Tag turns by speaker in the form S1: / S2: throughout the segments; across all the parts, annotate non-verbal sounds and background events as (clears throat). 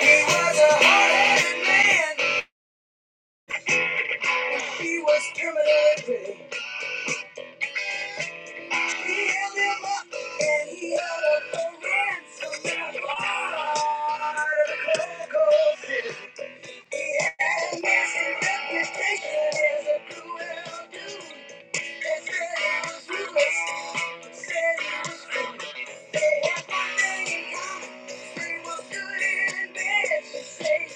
S1: He was a hard-headed man. He was criminally terminated. He held him up and he held up the ransom at the heart of the cold, cold city. He had a massive reputation as a cruel dude. They said he was ruthless. Said he was cruel. They had one thing in common. They were good and bad. She said,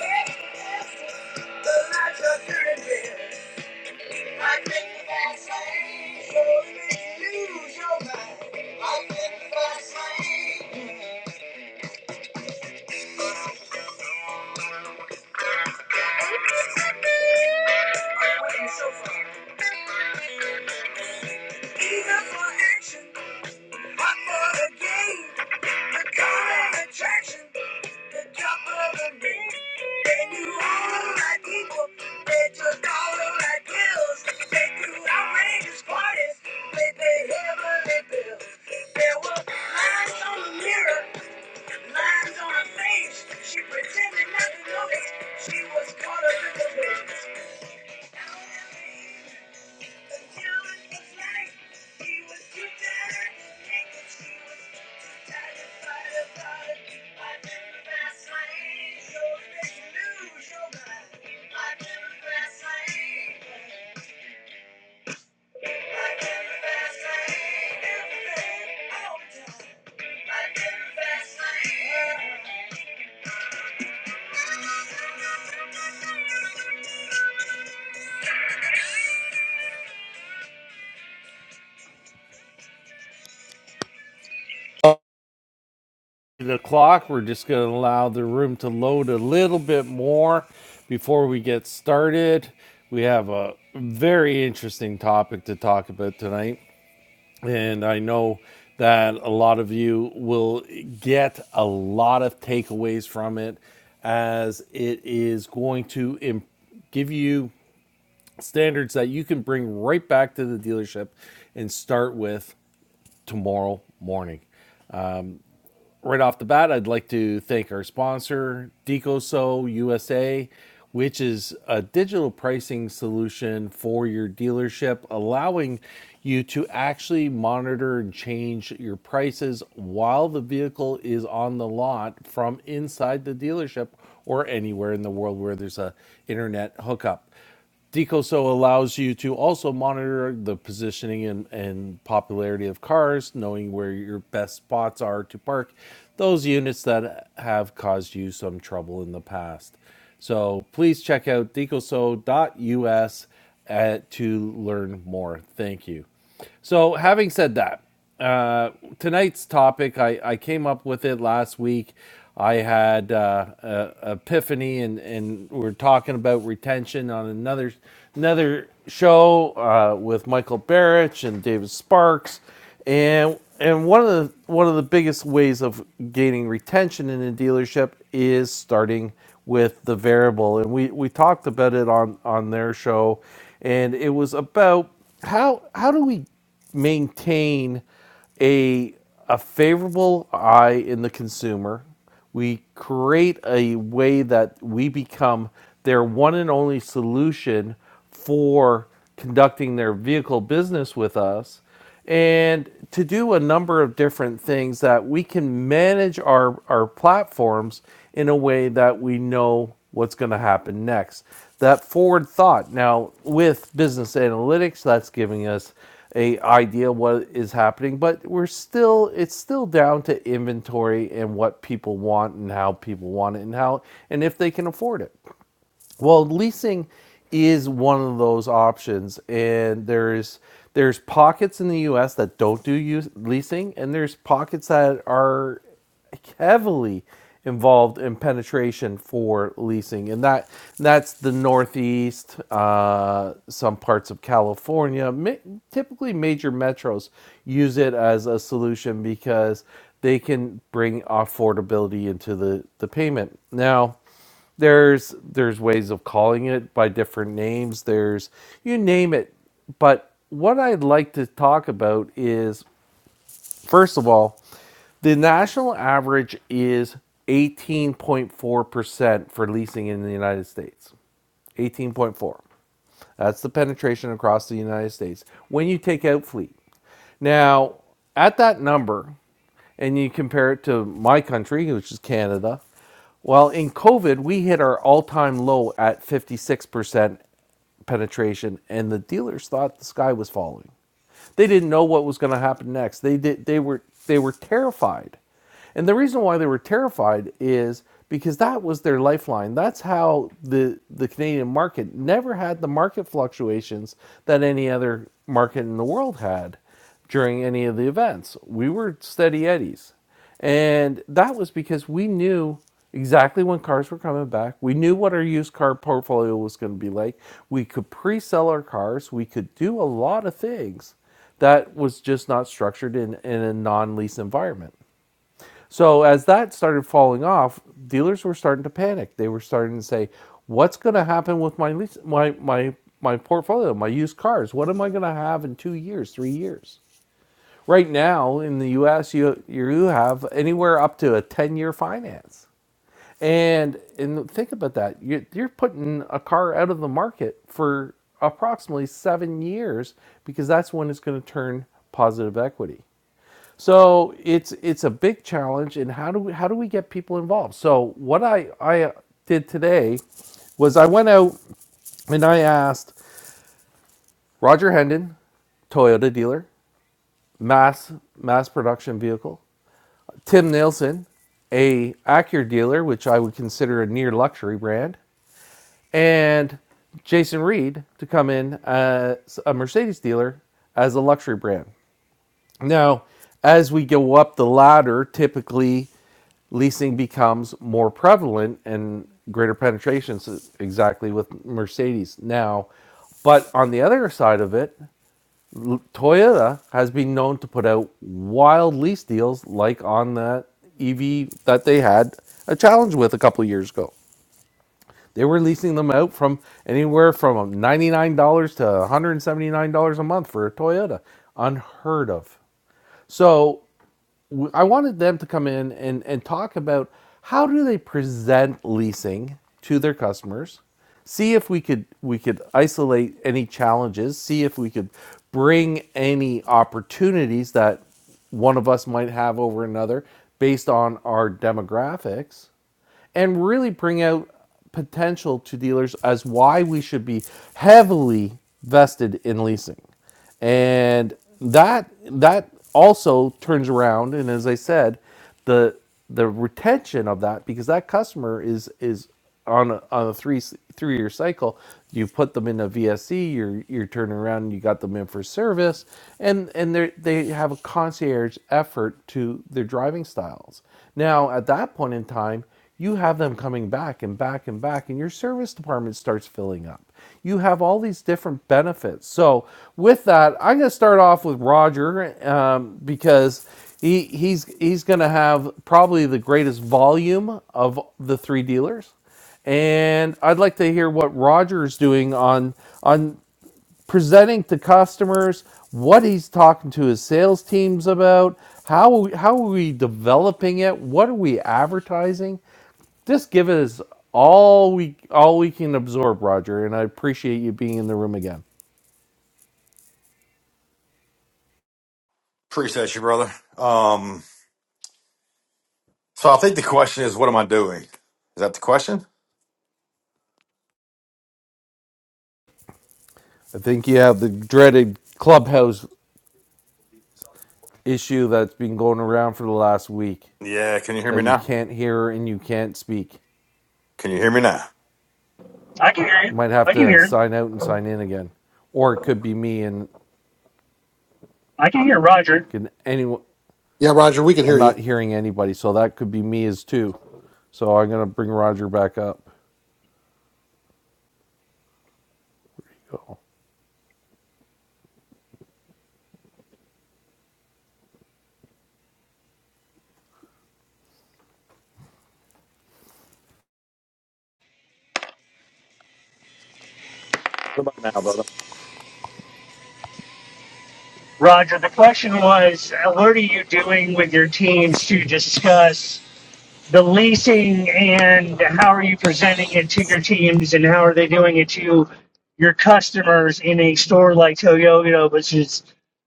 S1: "That's the life of good and bad." I think about saying, so use your mind. I think about saying, I'm waiting so far. Eager for action, hot for the game. The color attraction, the drop of the They do all like people, they took all like kills. They do outrageous parties, they pay heavenly bills. There were lines on the mirror. Lines on her face, she pretended not to notice. She was caught up in the business. Now I mean, the talent was like he was too tired, thinking she was too tired to fight about it. I never fast lane, so they lose your mind. I never fast lane, I never fast lane, everything. Oh, I never fast lane. the clock. We're just going to allow the room to load a little bit more before we get started. We have a very interesting topic to talk about tonight, and I know that a lot of you will get a lot of takeaways from it as it is going to improve give you standards that you can bring right back to the dealership and start with tomorrow morning. right off the bat, I'd like to thank our sponsor, DecoSo USA, which is a digital pricing solution for your dealership, allowing you to actually monitor and change your prices while the vehicle is on the lot from inside the dealership or anywhere in the world where there's a internet hookup. Decoso allows you to also monitor the positioning and, and popularity of cars, knowing where your best spots are to park those units that have caused you some trouble in the past. So please check out decoso.us uh, to learn more. Thank you. So, having said that, uh, tonight's topic, I, I came up with it last week. I had uh, a epiphany, and, and we're talking about retention on another another show uh, with Michael Barrich and David Sparks, and and one of the one of the biggest ways of gaining retention in a dealership is starting with the variable, and we we talked about it on on their show, and it was about how how do we maintain a, a favorable eye in the consumer. We create a way that we become their one and only solution for conducting their vehicle business with us and to do a number of different things that we can manage our, our platforms in a way that we know what's going to happen next. That forward thought. Now, with business analytics, that's giving us a idea what is happening, but we're still it's still down to inventory and what people want and how people want it and how and if they can afford it. Well, leasing is one of those options, and there's there's pockets in the U.S. that don't do use, leasing, and there's pockets that are heavily involved in penetration for leasing, and that that's the Northeast, uh, some parts of California. Ma- typically, major metros use it as a solution because they can bring affordability into the the payment now there's there's ways of calling it by different names there's you name it but what i'd like to talk about is first of all the national average is 18.4% for leasing in the united states 18.4 that's the penetration across the united states when you take out fleet now at that number and you compare it to my country, which is Canada, well, in COVID, we hit our all time low at 56% penetration, and the dealers thought the sky was falling. They didn't know what was going to happen next. They, did, they, were, they were terrified. And the reason why they were terrified is because that was their lifeline. That's how the, the Canadian market never had the market fluctuations that any other market in the world had during any of the events. We were steady eddies. And that was because we knew exactly when cars were coming back. We knew what our used car portfolio was going to be like. We could pre sell our cars. We could do a lot of things that was just not structured in, in a non lease environment. So as that started falling off, dealers were starting to panic. They were starting to say, "What's going to happen with my lease, my my my portfolio, my used cars? What am I going to have in two years, three years?" Right now in the U.S., you you have anywhere up to a ten-year finance, and and think about that. You're, you're putting a car out of the market for approximately seven years because that's when it's going to turn positive equity. So it's it's a big challenge, and how do we how do we get people involved? So what I I did today was I went out and I asked Roger Hendon, Toyota dealer, mass mass production vehicle. Tim Nelson, a Acura dealer, which I would consider a near luxury brand, and Jason Reed to come in as a Mercedes dealer as a luxury brand. Now, as we go up the ladder, typically leasing becomes more prevalent and greater penetrations exactly with Mercedes now. But on the other side of it, Toyota has been known to put out wild lease deals like on that EV that they had a challenge with a couple of years ago. They were leasing them out from anywhere from $99 to $179 a month for a Toyota. Unheard of. So I wanted them to come in and, and talk about how do they present leasing to their customers. See if we could we could isolate any challenges. See if we could bring any opportunities that one of us might have over another based on our demographics and really bring out potential to dealers as why we should be heavily vested in leasing. And that that also turns around and as I said, the the retention of that because that customer is is on a, on a three three year cycle, you put them in a VSC, you're you're turning around, and you got them in for service, and and they they have a concierge effort to their driving styles. Now at that point in time, you have them coming back and back and back, and your service department starts filling up. You have all these different benefits. So with that, I'm going to start off with Roger um, because. He he's he's going to have probably the greatest volume of the three dealers, and I'd like to hear what Roger's doing on on presenting to customers what he's talking to his sales teams about. How how are we developing it? What are we advertising? Just give us all we all we can absorb, Roger. And I appreciate you being in the room again.
S2: Appreciate you, brother. Um, so I think the question is, what am I doing? Is that the question?
S1: I think you have the dreaded clubhouse issue that's been going around for the last week.
S2: Yeah. Can you hear
S1: that
S2: me
S1: you
S2: now?
S1: can't hear and you can't speak.
S2: Can you hear me now?
S3: I can hear you.
S1: You might have
S3: I can
S1: to
S3: hear.
S1: sign out and sign in again. Or it could be me and
S3: I can hear Roger.
S1: can anyone
S4: Yeah, Roger, we can
S1: I'm
S4: hear you.
S1: not hearing anybody, so that could be me as too. So I'm gonna bring Roger back up. Go.
S2: What about now, brother?
S3: Roger, the question was, uh, what are you doing with your teams to discuss the leasing and how are you presenting it to your teams and how are they doing it to your customers in a store like Toyota, which is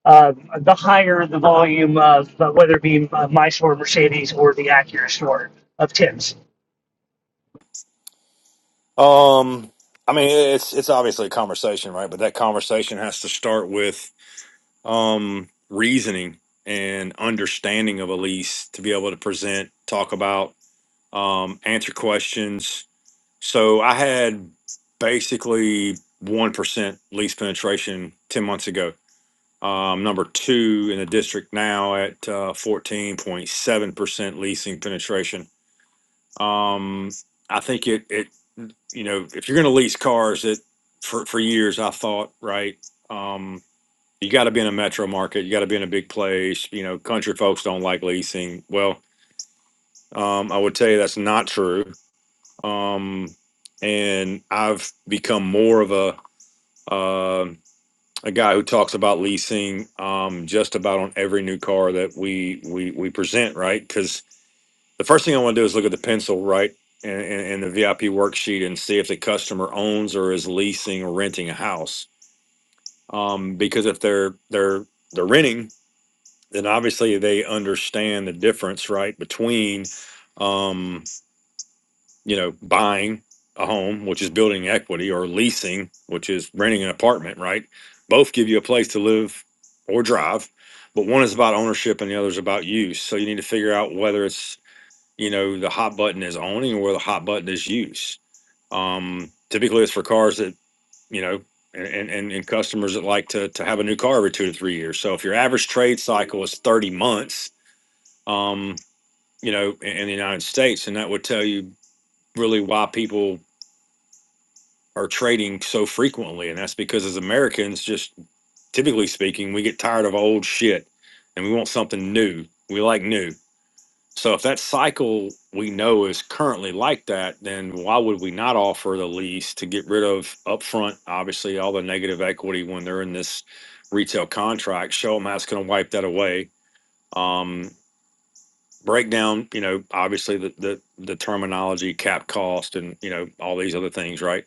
S3: uh, the higher the volume of uh, whether it be uh, my store, Mercedes, or the Acura store of Tim's.
S2: Um, I mean, it's it's obviously a conversation, right? But that conversation has to start with um reasoning and understanding of a lease to be able to present, talk about, um, answer questions. So I had basically one percent lease penetration ten months ago Um, number two in the district now at uh, fourteen point seven percent leasing penetration. Um, I think it it you know if you're going to lease cars, that for for years I thought right. Um, you got to be in a metro market. You got to be in a big place. You know, country folks don't like leasing. Well, um, I would tell you that's not true. Um, and I've become more of a uh, a guy who talks about leasing um, just about on every new car that we we we present, right? Because the first thing I want to do is look at the pencil, right, and, and, and the VIP worksheet and see if the customer owns or is leasing or renting a house. Um, because if they're they're they're renting, then obviously they understand the difference, right, between um, you know, buying a home, which is building equity, or leasing, which is renting an apartment, right? Both give you a place to live or drive, but one is about ownership and the other is about use. So you need to figure out whether it's, you know, the hot button is owning or where the hot button is use. Um, typically, it's for cars that, you know, and, and, and customers that like to, to have a new car every two to three years. So if your average trade cycle is 30 months, um, you know, in, in the United States, and that would tell you really why people are trading so frequently. And that's because as Americans, just typically speaking, we get tired of old shit and we want something new. We like new. So if that cycle we know is currently like that, then why would we not offer the lease to get rid of upfront, obviously, all the negative equity when they're in this retail contract? Show them how it's going to wipe that away. Um, Break down, you know, obviously the the the terminology, cap cost, and you know all these other things, right?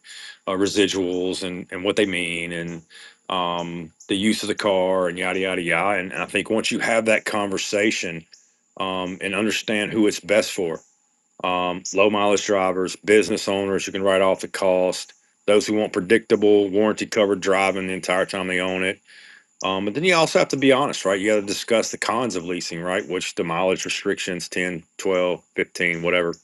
S2: Uh, Residuals and and what they mean, and um, the use of the car, and yada yada yada. And and I think once you have that conversation um, and understand who it's best for, um, low mileage drivers, business owners who can write off the cost, those who want predictable, warranty covered driving the entire time they own it. Um, but then you also have to be honest, right? You got to discuss the cons of leasing, right? Which the mileage restrictions 10, 12, 15, whatever.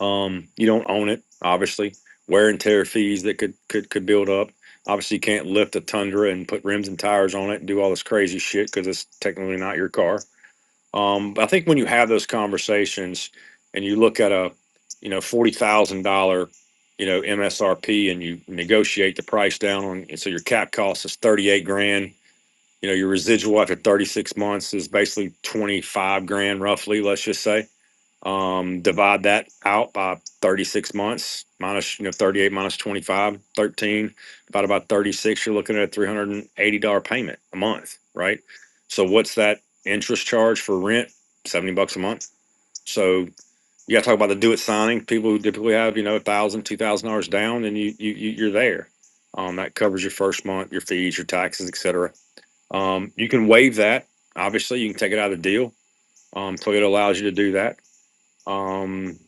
S2: Um, you don't own it, obviously. Wear and tear fees that could could could build up. Obviously, you can't lift a Tundra and put rims and tires on it and do all this crazy shit because it's technically not your car. Um, but I think when you have those conversations and you look at a, you know, forty thousand dollar, you know, MSRP and you negotiate the price down on, so your cap cost is thirty eight grand you know, your residual after 36 months is basically 25 grand roughly, let's just say. Um, divide that out by 36 months, minus, you know, 38 minus 25, 13, about about 36, you're looking at a $380 payment a month, right? So what's that interest charge for rent? 70 bucks a month. So you got to talk about the do it signing. People who typically have, you know, a thousand, two thousand dollars down and you, you, you- you're there. Um, that covers your first month, your fees, your taxes, etc. Um, you can waive that. Obviously, you can take it out of the deal. Um, Toyota allows you to do that. Um,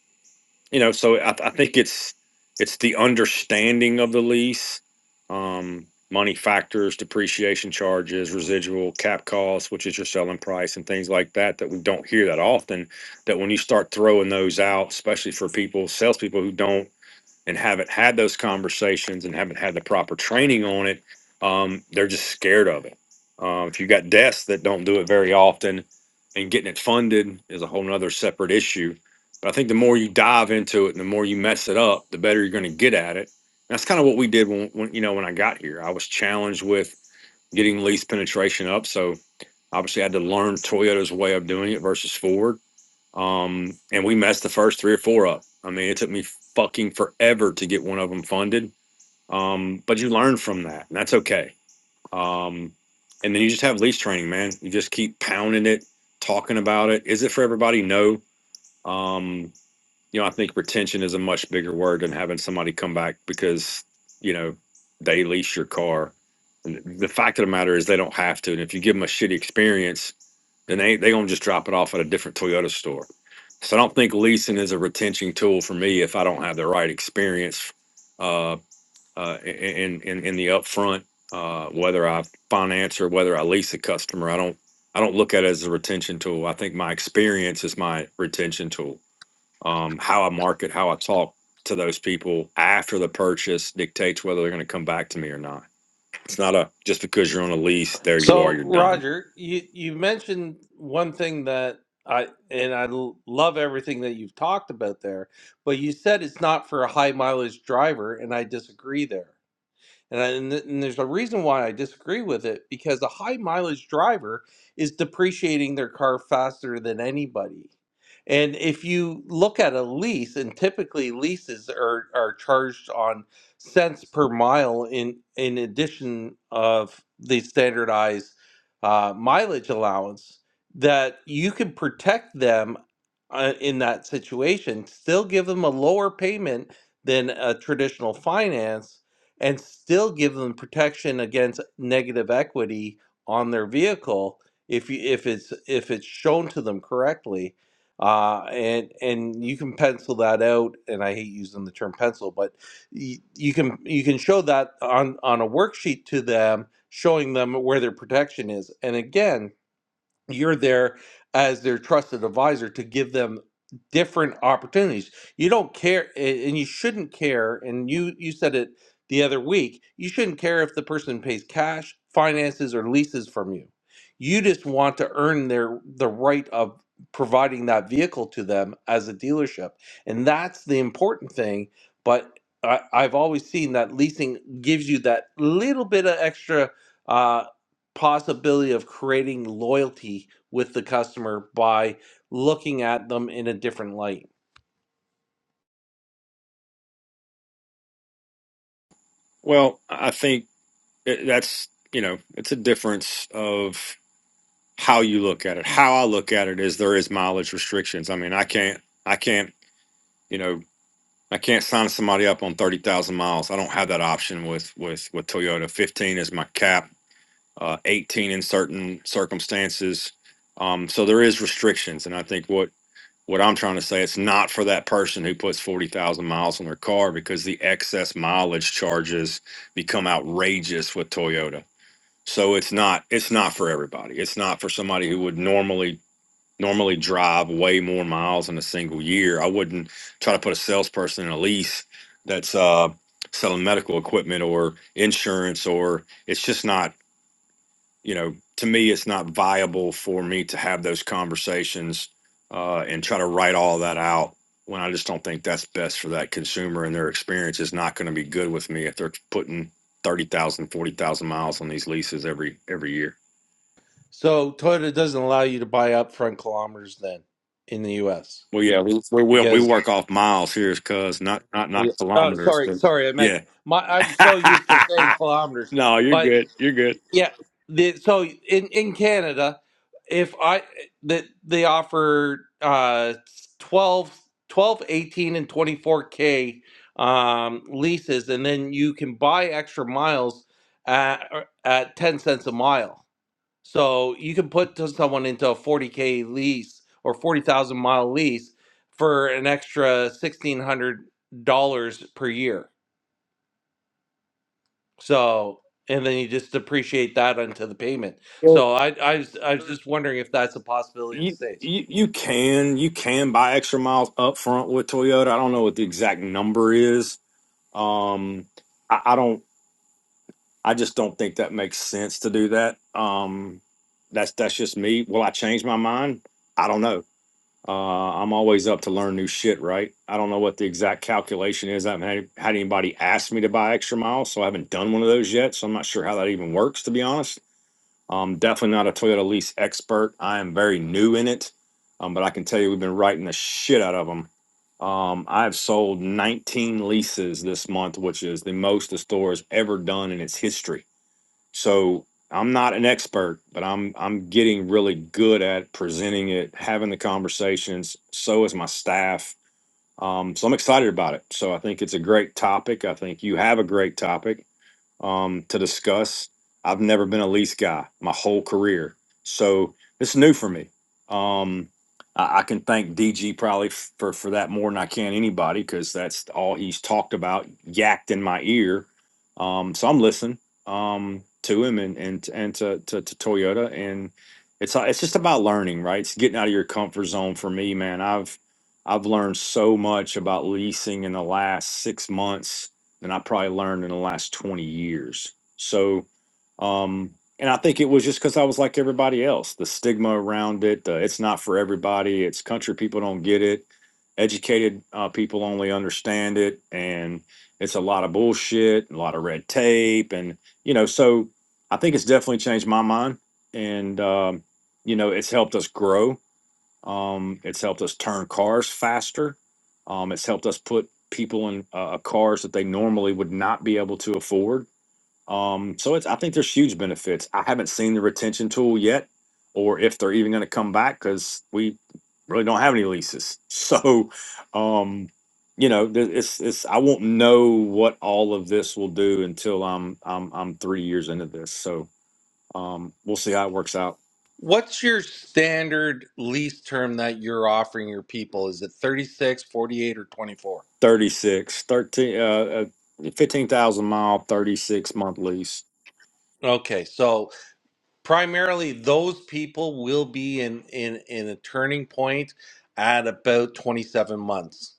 S2: you know, so I, I think it's it's the understanding of the lease, um, money factors, depreciation charges, residual cap costs, which is your selling price, and things like that. That we don't hear that often. That when you start throwing those out, especially for people, salespeople who don't and haven't had those conversations and haven't had the proper training on it, um, they're just scared of it. Um, if you got desks that don't do it very often, and getting it funded is a whole nother separate issue. But I think the more you dive into it and the more you mess it up, the better you're going to get at it. And that's kind of what we did when, when you know when I got here. I was challenged with getting lease penetration up, so obviously I had to learn Toyota's way of doing it versus Ford um, and we messed the first three or four up. I mean, it took me fucking forever to get one of them funded. Um, but you learn from that, and that's okay. Um, and then you just have lease training, man. You just keep pounding it, talking about it. Is it for everybody? No. Um, you know, I think retention is a much bigger word than having somebody come back because, you know, they lease your car. And the fact of the matter is they don't have to. And if you give them a shitty experience, and they they gonna just drop it off at a different Toyota store. So I don't think leasing is a retention tool for me if I don't have the right experience uh, uh, in, in in the upfront, uh, whether I finance or whether I lease a customer. I don't I don't look at it as a retention tool. I think my experience is my retention tool. Um, how I market, how I talk to those people after the purchase dictates whether they're going to come back to me or not. It's not a just because you're on a lease, there you are,
S1: So
S2: you're done.
S1: Roger, you you mentioned one thing that I and I l- love everything that you've talked about there, but you said it's not for a high mileage driver, and I disagree there. And, I, and, th- and there's a reason why I disagree with it because a high mileage driver is depreciating their car faster than anybody. And if you look at a lease, and typically leases are, are charged on cents per mile in, in addition of the standardized uh, mileage allowance, that you can protect them uh, in that situation, still give them a lower payment than a traditional finance and still give them protection against negative equity on their vehicle if you if it's if it's shown to them correctly uh, and and you can pencil that out and I hate using the term pencil but you, you can you can show that on on a worksheet to them showing them where their protection is and again you're there as their trusted advisor to give them different opportunities you don't care a- and you shouldn't care and you you said it the other week you shouldn't care if the person pays cash finances or leases from you you just want to earn their the right of providing that vehicle to them as a dealership and that's the important thing but I, i've always seen that leasing gives you that little bit of extra uh, possibility of creating loyalty with the customer by looking at them in a different light.
S2: Well, I think it, that's you know it's a difference of how you look at it how i look at it is there is mileage restrictions i mean i can't i can't you know i can't sign somebody up on 30000 miles i don't have that option with with with toyota 15 is my cap uh, 18 in certain circumstances um, so there is restrictions and i think what what i'm trying to say it's not for that person who puts 40000 miles on their car because the excess mileage charges become outrageous with toyota so it's not it's not for everybody. It's not for somebody who would normally normally drive way more miles in a single year. I wouldn't try to put a salesperson in a lease that's uh, selling medical equipment or insurance or it's just not you know to me it's not viable for me to have those conversations uh, and try to write all that out when I just don't think that's best for that consumer and their experience is not going to be good with me if they're putting 30,000 40,000 miles on these leases every every year.
S1: So Toyota doesn't allow you to buy upfront kilometers then in the U.S.
S2: Well, yeah, we we we, we
S1: because
S2: work off miles here, cuz not not not
S1: oh
S2: kilometers,
S1: sorry
S2: but
S1: sorry I meant
S2: yeah.
S1: my I'm so used to saying
S2: (laughs)
S1: kilometers,
S2: no, you're
S1: but
S2: good. You're good.
S1: Yeah. The, so in, in Canada, if I that they offer uh 12, twelve, eighteen and 24k um leases and then you can buy extra miles at, or at 10 cents a mile. So you can put to someone into a 40k lease or 40,000 mile lease for an extra $1600 per year. So, and then you just depreciate that onto the payment.
S2: Well,
S1: So I, I was, I was just wondering if that's a possibility in the
S2: you,
S1: States.
S2: you you can you can buy extra miles up front with Toyota. I don't know what the exact number is. Um, I, I don't. I just don't think that makes sense to do that. Um, that's that's just me. Will I change my mind? I don't know. Uh, I'm always up to learn new shit, right? I don't know what the exact calculation is. I haven't had had anybody ask me to buy extra miles, so I haven't done one of those yet. So I'm not sure how that even works, to be honest. I'm definitely not a Toyota lease expert. I am very new in it, um, but I can tell you we've been writing the shit out of them. Um, I've sold 19 leases this month, which is the most the store has ever done in its history. So I'm not an expert, but I'm I'm getting really good at presenting it, having the conversations. So is my staff. Um, so I'm excited about it. So I think it's a great topic. I think you have a great topic um, to discuss. I've never been a lease guy my whole career, so it's new for me. Um, I, I can thank DG probably f- for for that more than I can anybody because that's all he's talked about, yacked in my ear. Um, so I'm listening um, to him and and and to, to to Toyota, and it's uh, it's just about learning, right? It's getting out of your comfort zone for me, man. I've I've learned so much about leasing in the last six months than I probably learned in the last 20 years. So, um, and I think it was just because I was like everybody else. The stigma around it, uh, it's not for everybody. It's country people don't get it. Educated uh, people only understand it. And it's a lot of bullshit, a lot of red tape. And, you know, so I think it's definitely changed my mind. And, um, you know, it's helped us grow um, it's helped us turn cars faster. Um, it's helped us put people in uh, uh, cars that they normally would not be able to afford. Um, so it's I think there's huge benefits. I haven't seen the retention tool yet, or if they're even going to come back because we really don't have any leases. (laughs) So, um, you know, th- it's it's I won't know what all of this will do until I'm I'm I'm three years into this. So um, we'll see how it works out.
S1: What's your standard lease term that you're offering your people? Is it 36, 48, or 24?
S2: 36, 13, uh, uh, 15,000 mile, 36 month lease.
S1: Okay, so primarily those people will be in in in a turning point at about 27 months.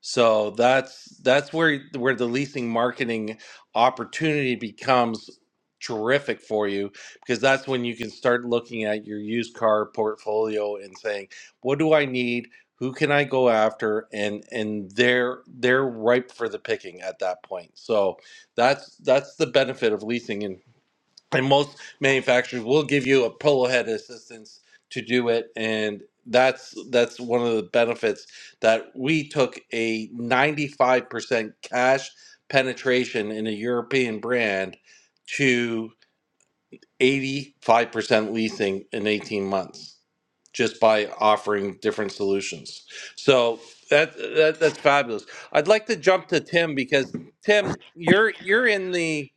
S1: So that's that's where where the leasing marketing opportunity becomes terrific for you because that's when you can start looking at your used car portfolio and saying, what do I need? Who can I go after? And and they're they're ripe for the picking at that point. So that's that's the benefit of leasing and most manufacturers will give you a pillow head assistance to do it and that's that's one of the benefits that we took a 95% cash penetration in a european brand to 85% leasing in 18 months just by offering different solutions so that, that that's fabulous i'd like to jump to tim because tim you're you're in the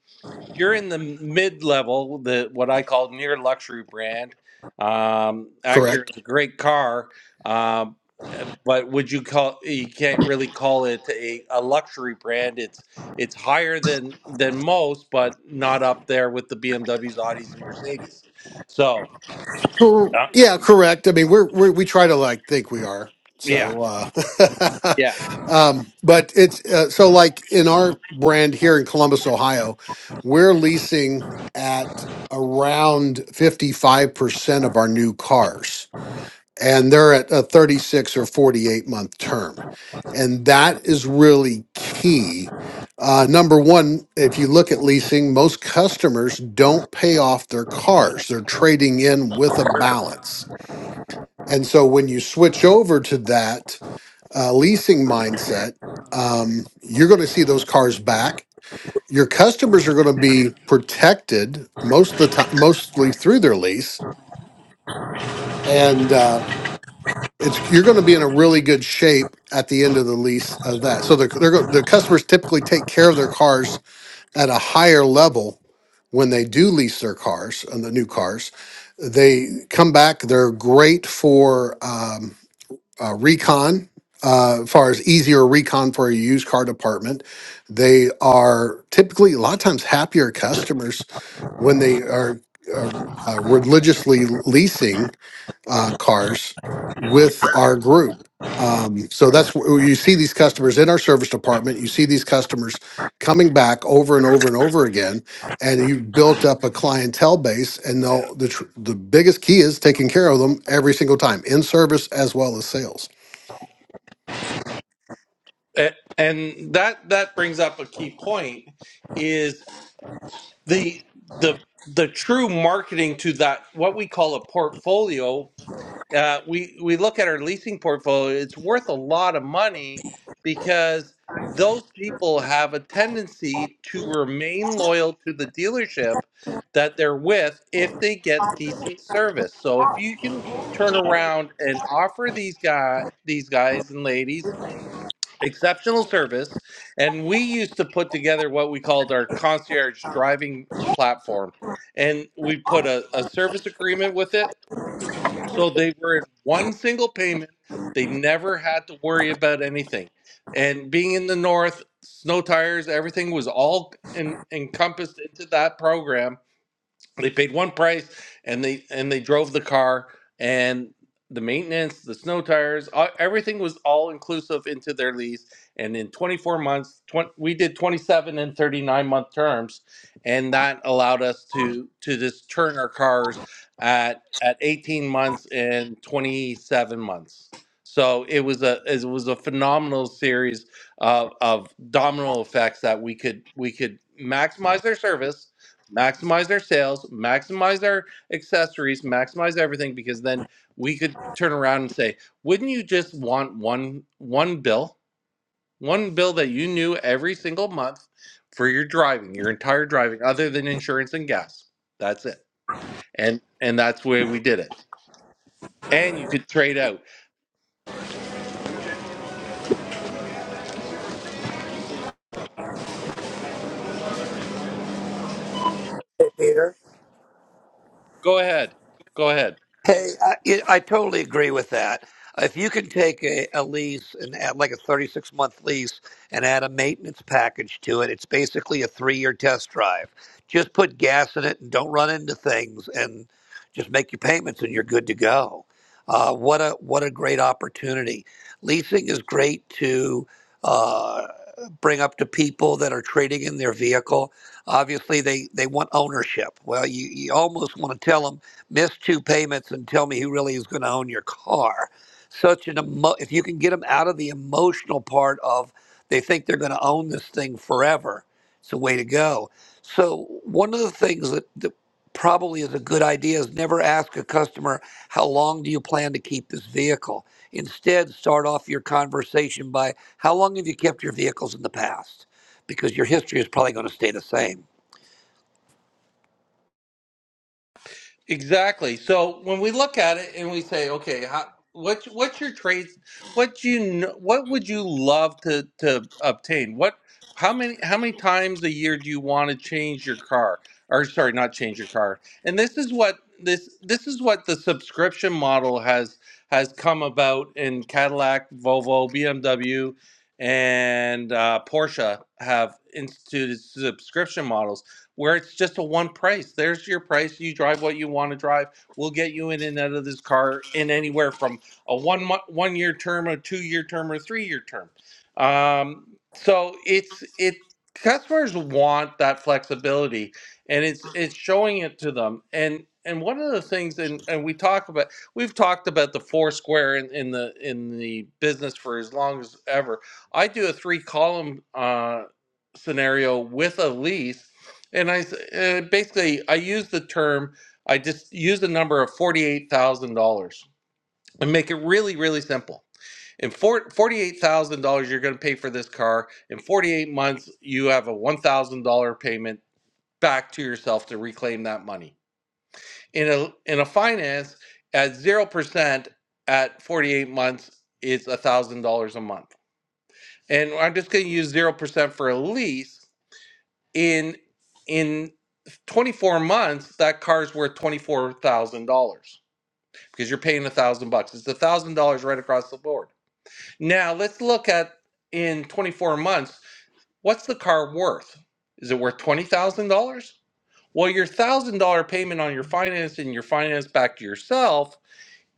S1: you're in the mid level, the what I call near luxury brand. Um, Acura
S4: Correct.
S1: is a great car, um, uh, but would you call you can't
S5: can't
S1: really
S5: really
S1: call it
S5: call it.
S1: a, a luxury brand. It's it's higher than than most, but not up there with the BMWs, Audis, and Mercedes. So
S4: Cor-
S1: uh,
S4: yeah, correct. I mean, we're, we're we try to like think we are.
S1: yeah,
S4: So, uh,
S1: yeah,
S4: (laughs) um, but it's uh, so like in our brand here in Columbus, Ohio, we're leasing at around fifty five percent of our new cars. and they're at a 36 or 48 month term. And that is really key. Uh, number one, if you look at leasing, most customers don't pay off their cars, they're trading in with a balance. And so when you switch over to that uh, leasing mindset, um, you're going to see those cars back. Your customers are going to be protected most of the time, mostly through their lease. And uh, it's you're going to be in a really good shape at the end of the lease of that. So the they're, go- the customers typically take care of their cars at a higher level when they do lease their cars and the new cars. They come back. They're great for um, uh, recon. Uh, as far as easier recon for a used car department, they are typically a lot of times happier customers when they are uh, uh, religiously leasing uh, cars with our group. Um, so that's where you see these customers in our service department. You see these customers coming back over and over and over again, and you've built up a clientele base. And they'll, the tr- the biggest key is taking care of them every single time in service as well as sales.
S1: A- and that that brings up a key point is the the the true marketing to that what we call a portfolio uh, we we look at our leasing portfolio, it's worth a lot of money because those people have a tendency to remain loyal to the dealership that they're with if they get decent service. So if you can turn around and offer these guy these guys and ladies exceptional service, and we used to put together what we called our concierge driving platform, and we put a, a service agreement with it so they were in one single payment. They never had to worry about anything. And being in the north, snow tires, everything was all in, encompassed into that program they paid one price and they and they drove the car and the maintenance the snow tires all, everything was all inclusive into their lease and in 24 months 20, we did 27 and 39 month terms and that allowed us to to just turn our cars at at 18 months and 27 months so it was a it was a phenomenal series of, of domino effects that we could we could maximize their service maximize their sales, maximize their accessories, maximize everything because then we could turn around and say, wouldn't you just want one one bill, one bill that you knew every single month for your driving, your entire driving other than insurance and gas. That's it. And and that's where we did it. And you could trade out.
S6: Hey, Peter.
S1: Go ahead. Go ahead.
S6: Hey, I, yeah, I totally agree with that. If you can take a, a lease and add like a 36 month lease and add a maintenance package to it, it's basically a three year test drive. Just put gas in it and don't run into things and just make your payments and you're good to go. Uh, what a what a great opportunity! Leasing is great to uh, bring up to people that are trading in their vehicle. Obviously, they they want ownership. Well, you, you almost want to tell them miss two payments and tell me who really is going to own your car. Such an emo- if you can get them out of the emotional part of they think they're going to own this thing forever, it's a way to go. So one of the things that, that probably is a good idea is never ask a customer how long do you plan to keep this vehicle. Instead, start off your conversation by how long have you kept your vehicles in the past, because your history is probably going to stay the same
S1: Exactly. So when we look at it and we say, okay, how, what what's your traits? What do you kn- what would you love to to obtain? What how many how many times a year do you want to change your car? Or sorry, not change your car. And this is what this this is what the subscription model has has come about in Cadillac, Volvo, BMW, and uh, Porsche have instituted subscription models where it's just a one price. There's your price. You drive what you want to drive. We'll get you in and out of this car in anywhere from a one one year term, a two year term, or a three year term. Um, so it's it customers want that flexibility, and it's it's showing it to them. And and one of the things, and and we talk about we've talked about the four square in, in the in the business for as long as ever. I do a three column uh, scenario with a lease and I uh, basically I use the term. I just use the number of forty-eight thousand dollars and make it really, really simple. In for, forty-eight thousand dollars, you're going to pay for this car. In forty-eight months, you have a one thousand dollar payment back to yourself to reclaim that money. In a in a finance at zero percent at forty-eight months is a thousand dollars a month. And I'm just going to use zero percent for a lease in in. 24 months, that car's worth $24,000 because you're paying a thousand bucks. It's a thousand dollars right across the board. Now let's look at in 24 months, what's the car worth? Is it worth $20,000? Well, your thousand dollar payment on your finance and your finance back to yourself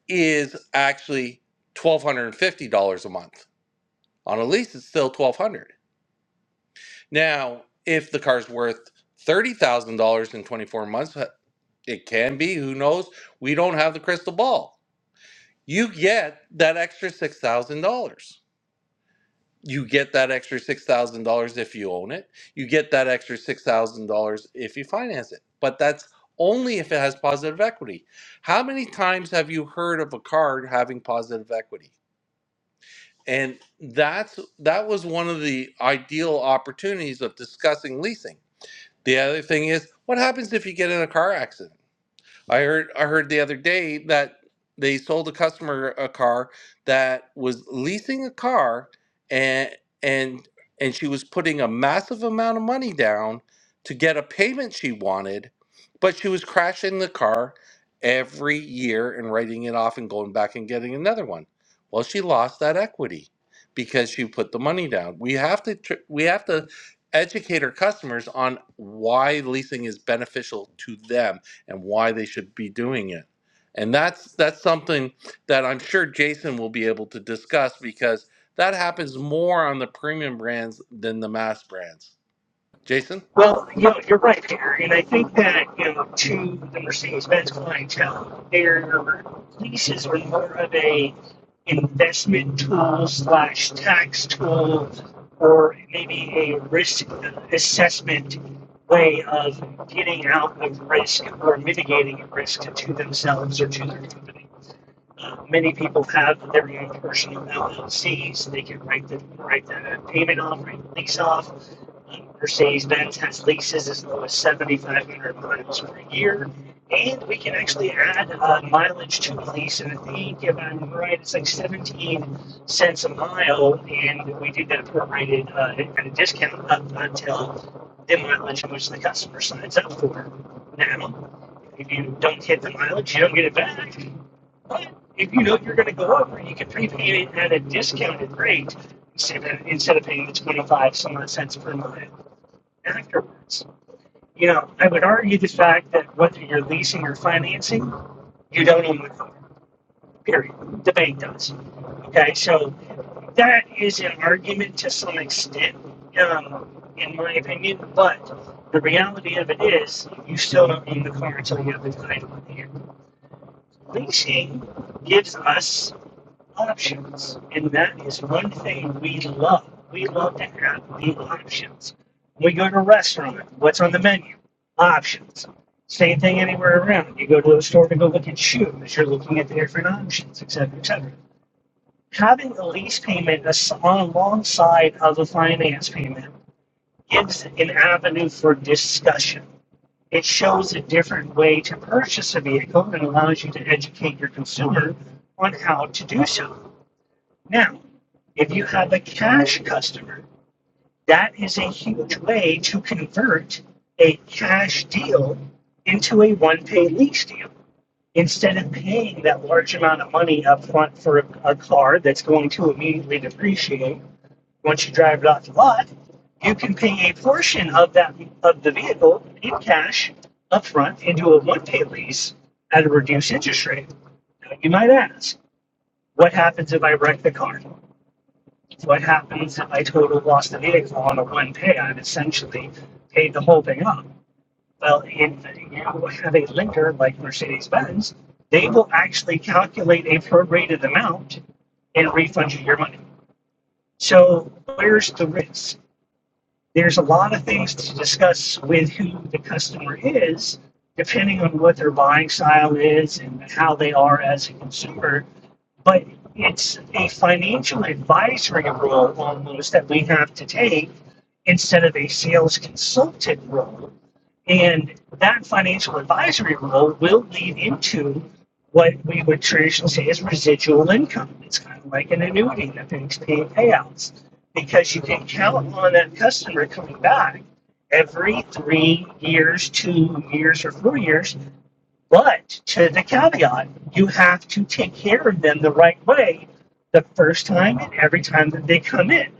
S1: is actually $1,250 a month. On a lease, it's still 1200 Now, if the car's worth thirty thousand dollars in twenty four months, uh, it can be. Who knows? We don't have the crystal ball. You get that extra six thousand dollars. You get that extra six thousand dollars if you own it. You get that extra six thousand dollars if you finance it. But that's only if it has positive equity. How many times have you heard of a card having positive equity? And that's that was one of the ideal opportunities of discussing leasing The other thing is, what happens if you get in a car accident? I heard I heard the other day that they sold a customer a car that was leasing a car and and and she was putting a massive amount of money down to get a payment she wanted, but she was crashing the car every year and writing it off and going back and getting another one. Well, she lost that equity because she put the money down. We have to tr- we have to educate our customers on why leasing is beneficial to them and why they should be doing it. And that's that's something that I'm sure Jason will be able to discuss because that happens more on the premium brands than the mass brands. Jason?
S3: Well, you know, you're right, there, and I think that you know, to the Mercedes-Benz clientele, their leases are more of a investment tool slash tax tool, or maybe a risk assessment way of getting out of risk or mitigating risk to themselves or to their company. Many people have their own personal LLCs; they can write the write the payment off, write the lease off Mercedes Benz has leases as low as 7,500 miles per year. And we can actually add uh, mileage to the lease. And I think if I'm right, it's like 17 cents a mile. And we do that prorated uh, at a discount up until the mileage in which the customer signs up for. Now, if you don't hit the mileage, you don't get it back. But if you know you're going to go over, you can prepay it at a discounted rate instead of, instead of paying the 25 some odd cents per mile afterwards. You know, I would argue the fact that whether you're leasing or financing, you don't own the car. Period. The bank does. Okay, so that is an argument to some extent, um, in my opinion. But the reality of it is, you still don't own the car until you have the title in hand. Leasing gives us options. And that is one thing we love. We love to have the options. When we go to a restaurant, what's on the menu? Options. Same thing anywhere around. You go to a store to go look at shoes, you're looking at the different options, etc., cetera, etc. Cetera. Having a lease payment on alongside of a finance payment gives an avenue for discussion. It shows a different way to purchase a vehicle and allows you to educate your consumer on how to do so. Now, if you have a cash customer, that is a huge way to convert a cash deal into a one pay lease deal. Instead of paying that large amount of money up front for a, a car that's going to immediately depreciate once you drive it off the lot, you can pay a portion of that of the vehicle in cash up front into a one pay lease at a reduced interest rate. Now, you might ask, what happens if I wreck the car? What happens if I total lost the vehicle on a one pay? I've essentially paid the whole thing up. Well, if you have a lender like Mercedes Benz, they will actually calculate a prorated amount and refund you your money. So where's the risk? There's a lot of things to discuss with who the customer is, depending on what their buying style is and how they are as a consumer but it's a financial advisory role almost that we have to take instead of a sales consultant role. And that financial advisory role will lead into what we would traditionally say is residual income. It's kind of like an annuity that pays pay payouts because you can count on that customer coming back every three years, two years, or four years but to the caveat, you have to take care of them the right way the first time and every time that they come in.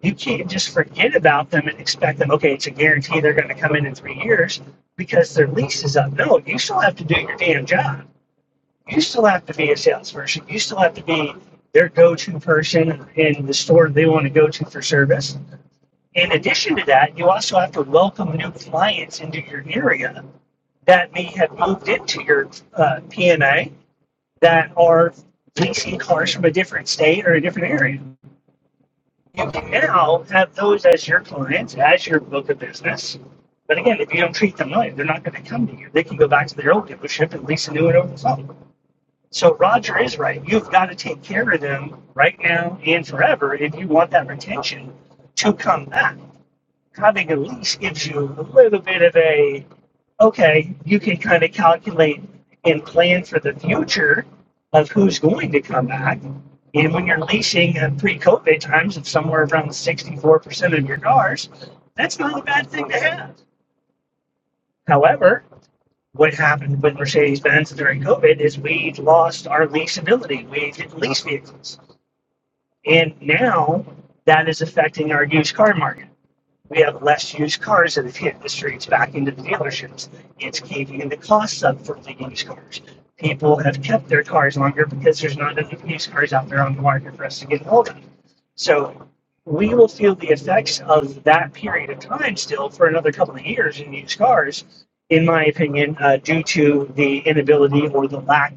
S3: You can't just forget about them and expect them, okay, it's a guarantee they're going to come in in three years because their lease is up. No, you still have to do your damn job. You still have to be a salesperson. You still have to be their go to person in the store they want to go to for service. In addition to that, you also have to welcome new clients into your area that may have moved into your uh, PNA that are leasing cars from a different state or a different area. You can now have those as your clients, as your book of business. But again, if you don't treat them right, they're not going to come to you. They can go back to their old dealership and lease a new one over the phone. So Roger is right. You've got to take care of them right now and forever if you want that retention to come back kind of at least gives you a little bit of a okay, you can kind of calculate and plan for the future of who's going to come back. And when you're leasing at pre-COVID times of somewhere around 64% of your cars, that's not a bad thing to have. However, what happened with Mercedes-Benz during COVID is we lost our leasability. We didn't lease vehicles. And now that is affecting our used car market we have less used cars that have hit the streets back into the dealerships. It's keeping the costs up for the used cars. People have kept their cars longer because there's not enough used cars out there on the market for us to get hold of. So we will feel the effects of that period of time still for another couple of years in used cars, in my opinion, uh, due to the inability or the lack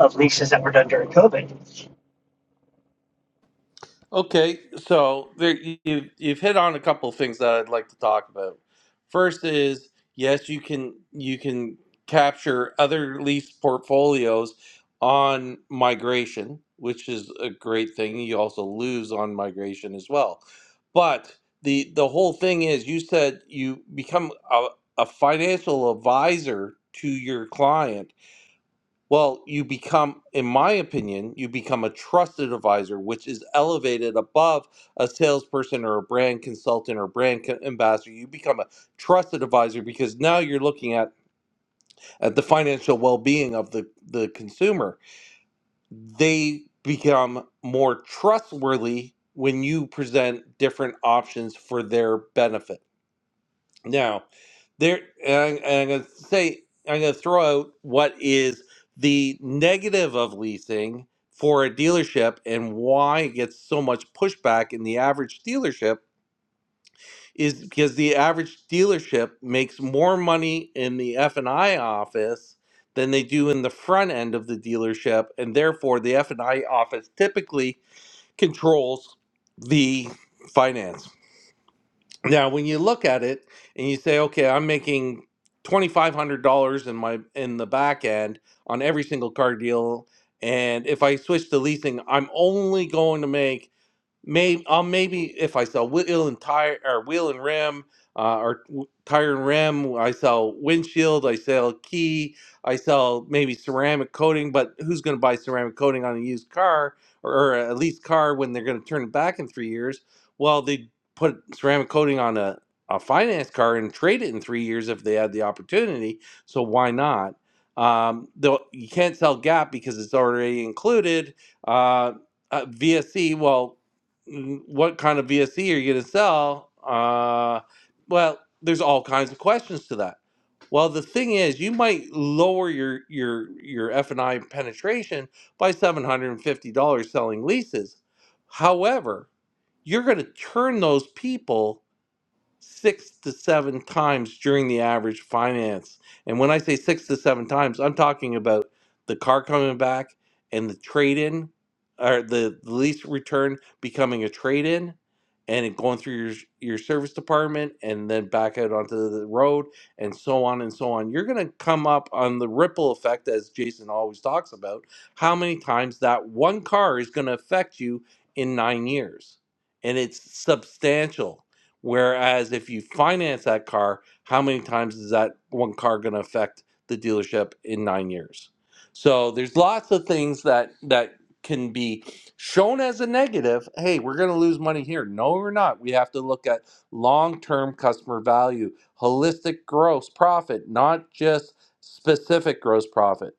S3: of leases that were done during COVID.
S1: Okay, so there, you, you've hit on a couple of things that I'd like to talk about. First is yes, you can you can capture other lease portfolios on migration, which is a great thing. You also lose on migration as well. But the the whole thing is, you said you become a, a financial advisor to your client well, you become, in my opinion, you become a trusted advisor, which is elevated above a salesperson or a brand consultant or brand co- ambassador. You become a trusted advisor because now you're looking at, at the financial well being of the, the consumer. They become more trustworthy when you present different options for their benefit. Now, there, and I'm, I'm going to say, I'm going to throw out what is the negative of leasing for a dealership and why it gets so much pushback in the average dealership is because the average dealership makes more money in the F&I office than they do in the front end of the dealership and therefore the F&I office typically controls the finance now, when you look at it and you say, okay, I'm making $2,500 in my in the back end on every single car deal, and if I switch to leasing, I'm only going to make Maybe I'll maybe if I sell wheel and tire or wheel and rim uh, or w- tire and rim, I sell windshield, I sell key, I sell maybe ceramic coating. But who's going to buy ceramic coating on a used car or, or a leased car when they're going to turn it back in three years? Well, they put ceramic coating on a, a finance car and trade it in three years if they had the opportunity. So why not? Um, though you can't sell Gap because it's already included. Uh, uh, VSC. Well, mm, what kind of VSE are you going to sell? Uh, well, there's all kinds of questions to that. Well, the thing is, you might lower your your your F and I penetration by seven hundred and fifty dollars selling leases. However, you're going to turn those people six to seven times during the average finance. And when I say six to seven times, I'm talking about the car coming back and the trade in or the the lease return becoming a trade in and it going through your your service department and then back out onto the road and so on and so on. You're going to come up on the ripple effect as Jason always talks about how many times that one car is going to affect you in 9 years. And it's substantial Whereas if you finance that car, how many times is that one car going to affect the dealership in nine years? So there's lots of things that that can be shown as a negative. Hey, we're going to lose money here. No, we're not. We have to look at long-term customer value, holistic gross profit, not just specific gross profit.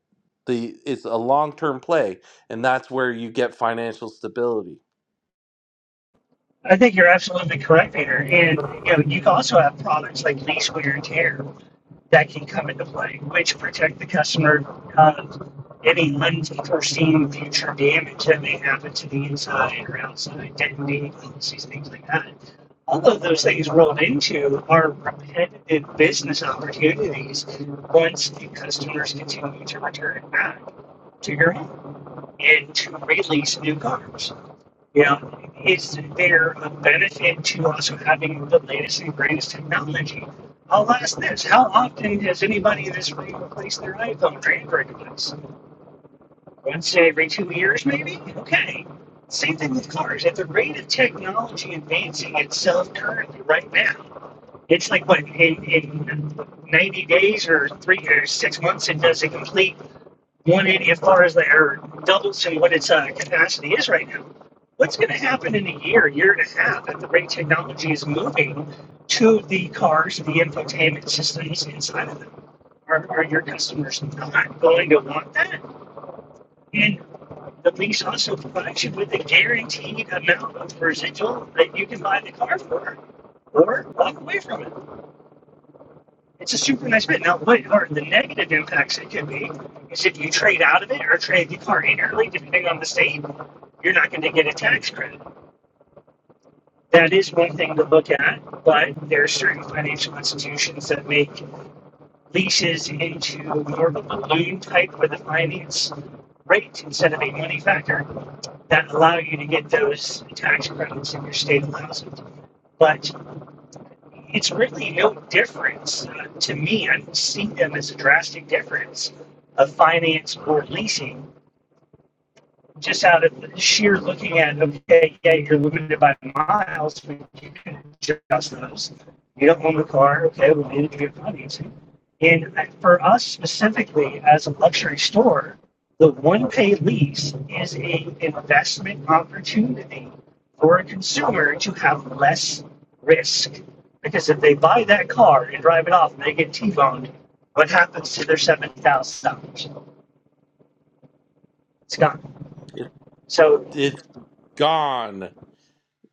S1: The it's a long-term play, and that's where you get financial stability.
S3: I think you're absolutely correct, Peter. And you know, you also have products like lease wear and tear. that can come into play, which protect the customer of any unforeseen future damage that may happen to the inside or outside, detonating policies, things like that. All of those things rolled into are repetitive business opportunities once the customers continue to return back to your home and to release new cars. Yeah. Is there a benefit to also having the latest and greatest technology? I'll ask this. How often does anybody in this room replace their iPhone or Android device? Once every two years, maybe? Okay. Same thing with cars. At the rate of technology advancing itself currently, right now, it's like what, in, in 90 days or three or six months, it does a complete 180 as far as their doubles and what its uh, capacity is right now. What's going to happen in a year, year and a half, at the rate technology is moving to the cars, the infotainment systems inside of them? Are, are your customers not going to want that? And the lease also provides you with a guaranteed amount of residual that you can buy the car for or walk away from it. It's a super nice bit. Now, what are the negative impacts it could be is if you trade out of it or trade the car in early, depending on the state, you're not going to get a tax credit. That is one thing to look at, but there are certain financial institutions that make leases into more of a balloon type with a finance rate instead of a money factor that allow you to get those tax credits in your state allows it. But it's really no difference to me. I don't see them as a drastic difference of finance or leasing just out of the sheer looking at, okay, yeah, you're limited by miles, but you can adjust those. You don't own the car, okay, we need to get financing. And for us specifically, as a luxury store, the one-pay lease is an investment opportunity for a consumer to have less risk. Because if they buy that car and drive it off and they get T-boned, what happens to their seven thousand dollars? It's gone.
S1: It,
S3: So
S1: it's gone.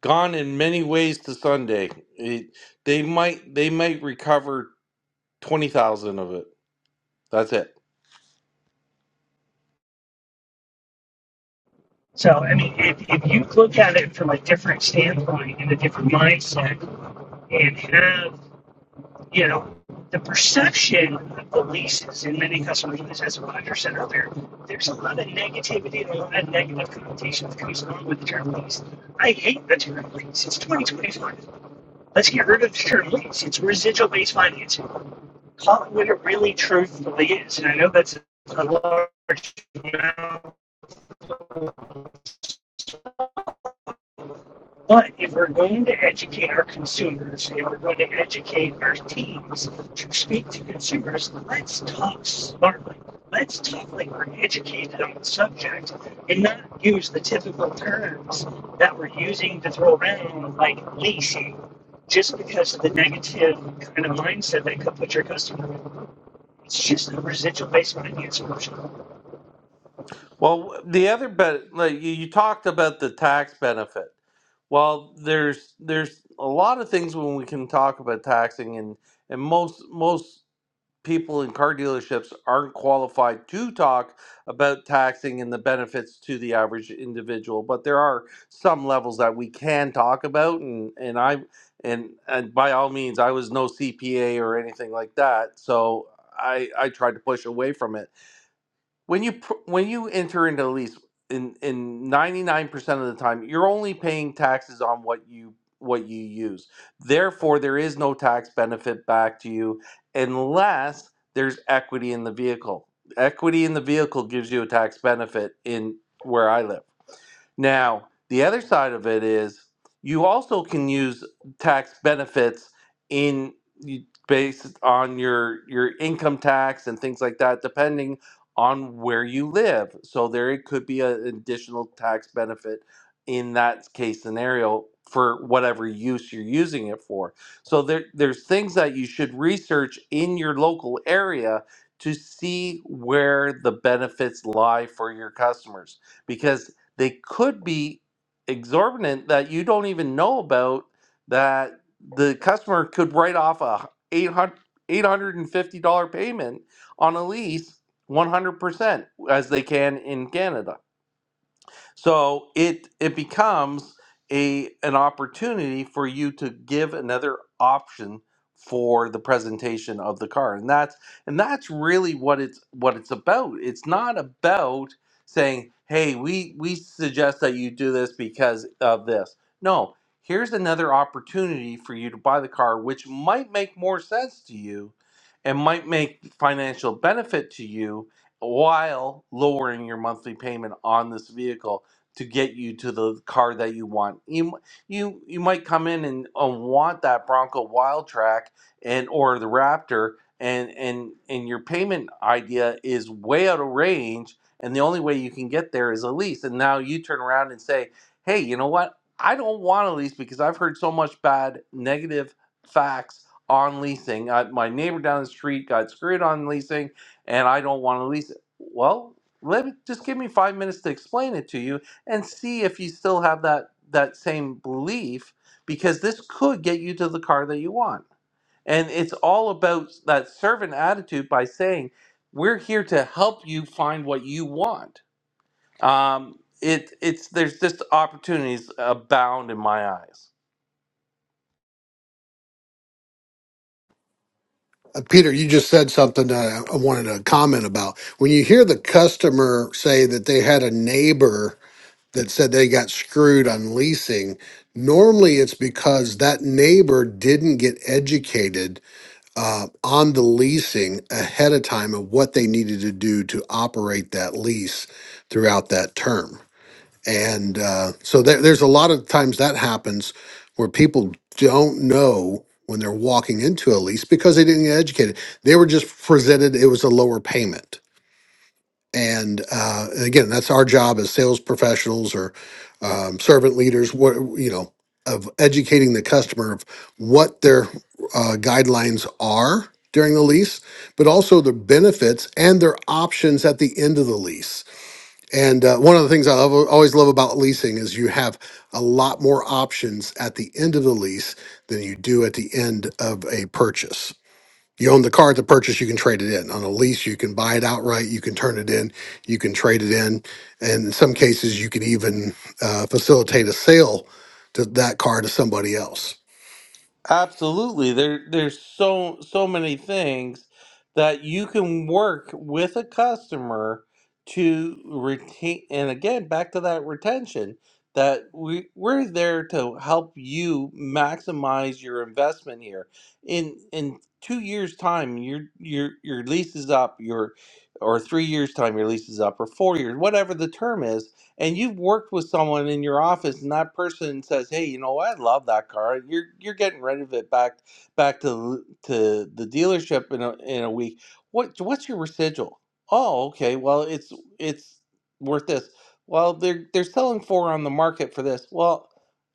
S1: gone in many ways to Sunday. It, they might they might recover twenty thousand of it. That's it.
S3: So, I mean, if, if you look at it from a different standpoint and a different mindset and have, you know, the perception of the leases and many customers, as Roger said earlier, there's a lot of negativity and a lot of negative connotation that comes along with the term lease. I hate the term lease. It's 2025. Let's get rid of the term lease. It's residual based financing. Call it what it really truthfully is. And I know that's a large amount But if we're going to educate our consumers, if we're going to educate our teams to speak to consumers, let's talk smartly. Let's talk like we're educated on the subject and not use the typical terms that we're using to throw around like leasing just because of the negative kind of mindset that could put your customer. It's just a residual based on an answer.
S1: Well, the other bet, like you you talked about the tax benefit. Well, there's there's a lot of things when we can talk about taxing, and and most most people in car dealerships aren't qualified to talk about taxing and the benefits to the average individual but there are some levels that we can talk about and and i and and by all means i was no cpa or anything like that so i i tried to push away from it when you pr- when you enter into a lease in in 99% of the time you're only paying taxes on what you what you use therefore there is no tax benefit back to you unless there's equity in the vehicle equity in the vehicle gives you a tax benefit in where i live now, the other side of it is you also can use tax benefits in based on your your income tax and things like that depending on where you live. So there it could be an additional tax benefit in that case scenario for whatever use you're using it for. So there there's things that you should research in your local area to see where the benefits lie for your customers because they could be exorbitant that you don't even know about that the customer could write off a eight hundred eight hundred and fifty dollars payment on a lease 100% as they can in Canada. So it it becomes a an opportunity for you to give another option for the presentation of the car. And that's and that's really what it's what it's about. It's not about saying, "Hey, we we suggest that you do this because of this." No, here's another opportunity for you to buy the car which might make more sense to you and might make financial benefit to you while lowering your monthly payment on this vehicle to get you to the car that you want. You you you might come in and uh, want that Bronco Wildtrak and or the Raptor and and and your payment idea is way out of range and the only way you can get there is a lease and now you turn around and say, "Hey, you know what? I don't want a lease because I've heard so much bad negative facts on leasing. Uh, my neighbor down the street got screwed on leasing and I don't want to lease it." Well, let me just give me 5 minutes to explain it to you and see if you still have that that same belief because this could get you to the car that you want and it's all about that servant attitude by saying we're here to help you find what you want um, it it's there's just opportunities abound in my eyes
S4: Uh, Peter, you just said something that I I wanted to comment about. When you hear the customer say that they had a neighbor that said they got screwed on leasing. Normally, it's because that neighbor didn't get educated uh, on the leasing ahead of time of what they needed to do to operate that lease throughout that term. And uh, so there, there's a lot of times that happens where people don't know when they're walking into a lease because they didn't get educated. They were just presented it was a lower payment and uh, again, that's our job as sales professionals or um, servant leaders, what, you know, of educating the customer of what their uh, guidelines are during the lease, but also the benefits and their options at the end of the lease. And uh, one of the things I love, always love about leasing is you have a lot more options at the end of the lease than you do at the end of a purchase. You own the car at the purchase, you can trade it in. On a lease, you can buy it outright, you can turn it in, you can trade it in. And in some cases, you can even uh, facilitate a sale to that car to somebody else.
S1: Absolutely. There there's so so many things that you can work with a customer to retain and again back to that retention that we we're there to help you maximize your investment here. In in 2 years time your your your lease is up, your or 3 years time your lease is up or 4 years, whatever the term is, and you've worked with someone in your office and that person says hey you know what i love that car and you're you're getting rid of it back back to the- to the dealership in a, in a week what what's your residual oh okay well it's it's worth this well they're they're selling four on the market for this well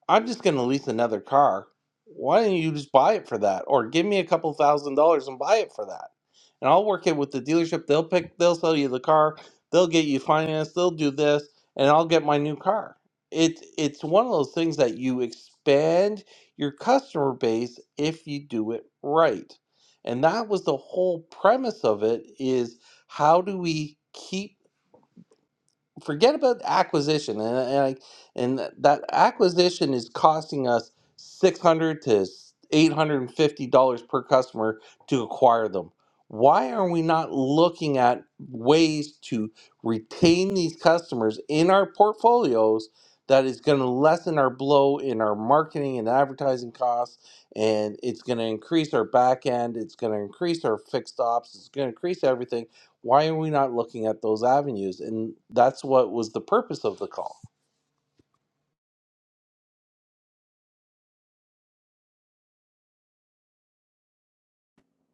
S1: i'm just going to lease another car why don't you just buy it for that or give me a couple thousand dollars and buy it for that and i'll work it with the dealership they'll pick they'll sell you the car they'll get you financed they'll do this and I'll get my new car. It it's one of those things that you expand your customer base if you do it right. And that was the whole premise of it is how do we keep forget about acquisition and uh, and, I, and that acquisition is costing us 600 to 850 dollars per customer to acquire them why are we not looking at ways to retain these customers in our portfolios that is going to lessen our blow in our marketing and advertising costs and it's going to increase our back end it's going to increase our fixed ops it's going to increase everything why are we not looking at those avenues? And that's what was the purpose of the call.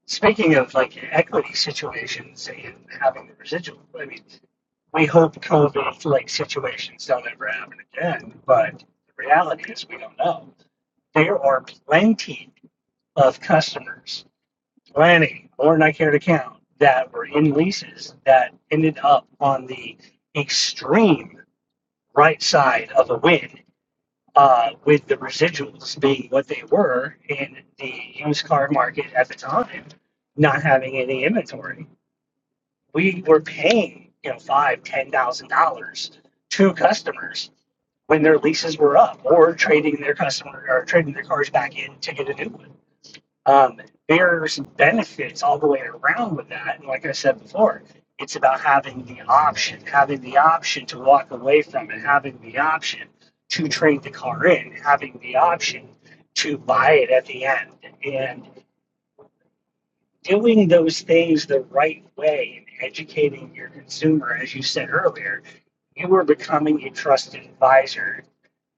S3: Speaking of like equity situations and having the residual, I mean, we hope COVID like situations don't ever happen again, but the reality is we don't know. There are plenty of customers, plenty more than I care to count, that were in leases that ended up on the extreme right side of a win uh, with the residuals being what they were in the used car market at the time, not having any inventory. We were paying, you know, five, ten thousand dollars to customers when their leases were up or trading their customer or trading their cars back in to get a new one. Um, there's benefits all the way around with that. And like I said before, it's about having the option, having the option to walk away from it, having the option to trade the car in, having the option to buy it at the end. And doing those things the right way and educating your consumer, as you said earlier, you are becoming a trusted advisor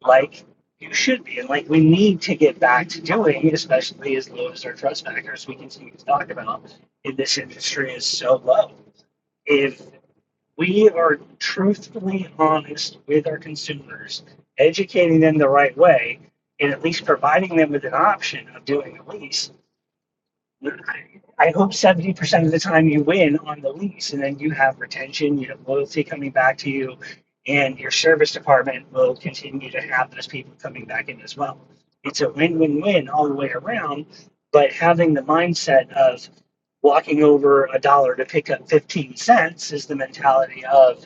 S3: like you should be. And like we need to get back to doing, especially as low as our trust factors we continue to talk about in this industry is so low. If we are truthfully honest with our consumers, educating them the right way, and at least providing them with an option of doing a lease, I hope 70% of the time you win on the lease and then you have retention, you have loyalty coming back to you, and your service department will continue to have those people coming back in as well. It's a win win win all the way around, but having the mindset of walking over a dollar to pick up 15 cents is the mentality of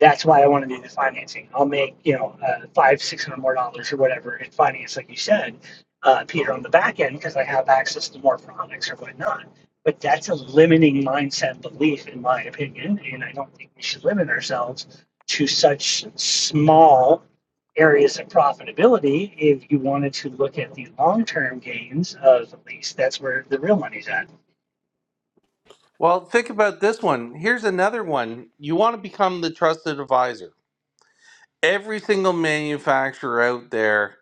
S3: that's why I want to do the financing. I'll make you know uh, five, six hundred more dollars or whatever in finance, like you said, uh, Peter, on the back end because I have access to more products or whatnot. But that's a limiting mindset belief, in my opinion, and I don't think we should limit ourselves to such small areas of profitability if you wanted to look at the long-term gains of at least that's where the real money's at.
S1: Well, think about this one. Here's another one. You want to become the trusted advisor. Every single manufacturer out there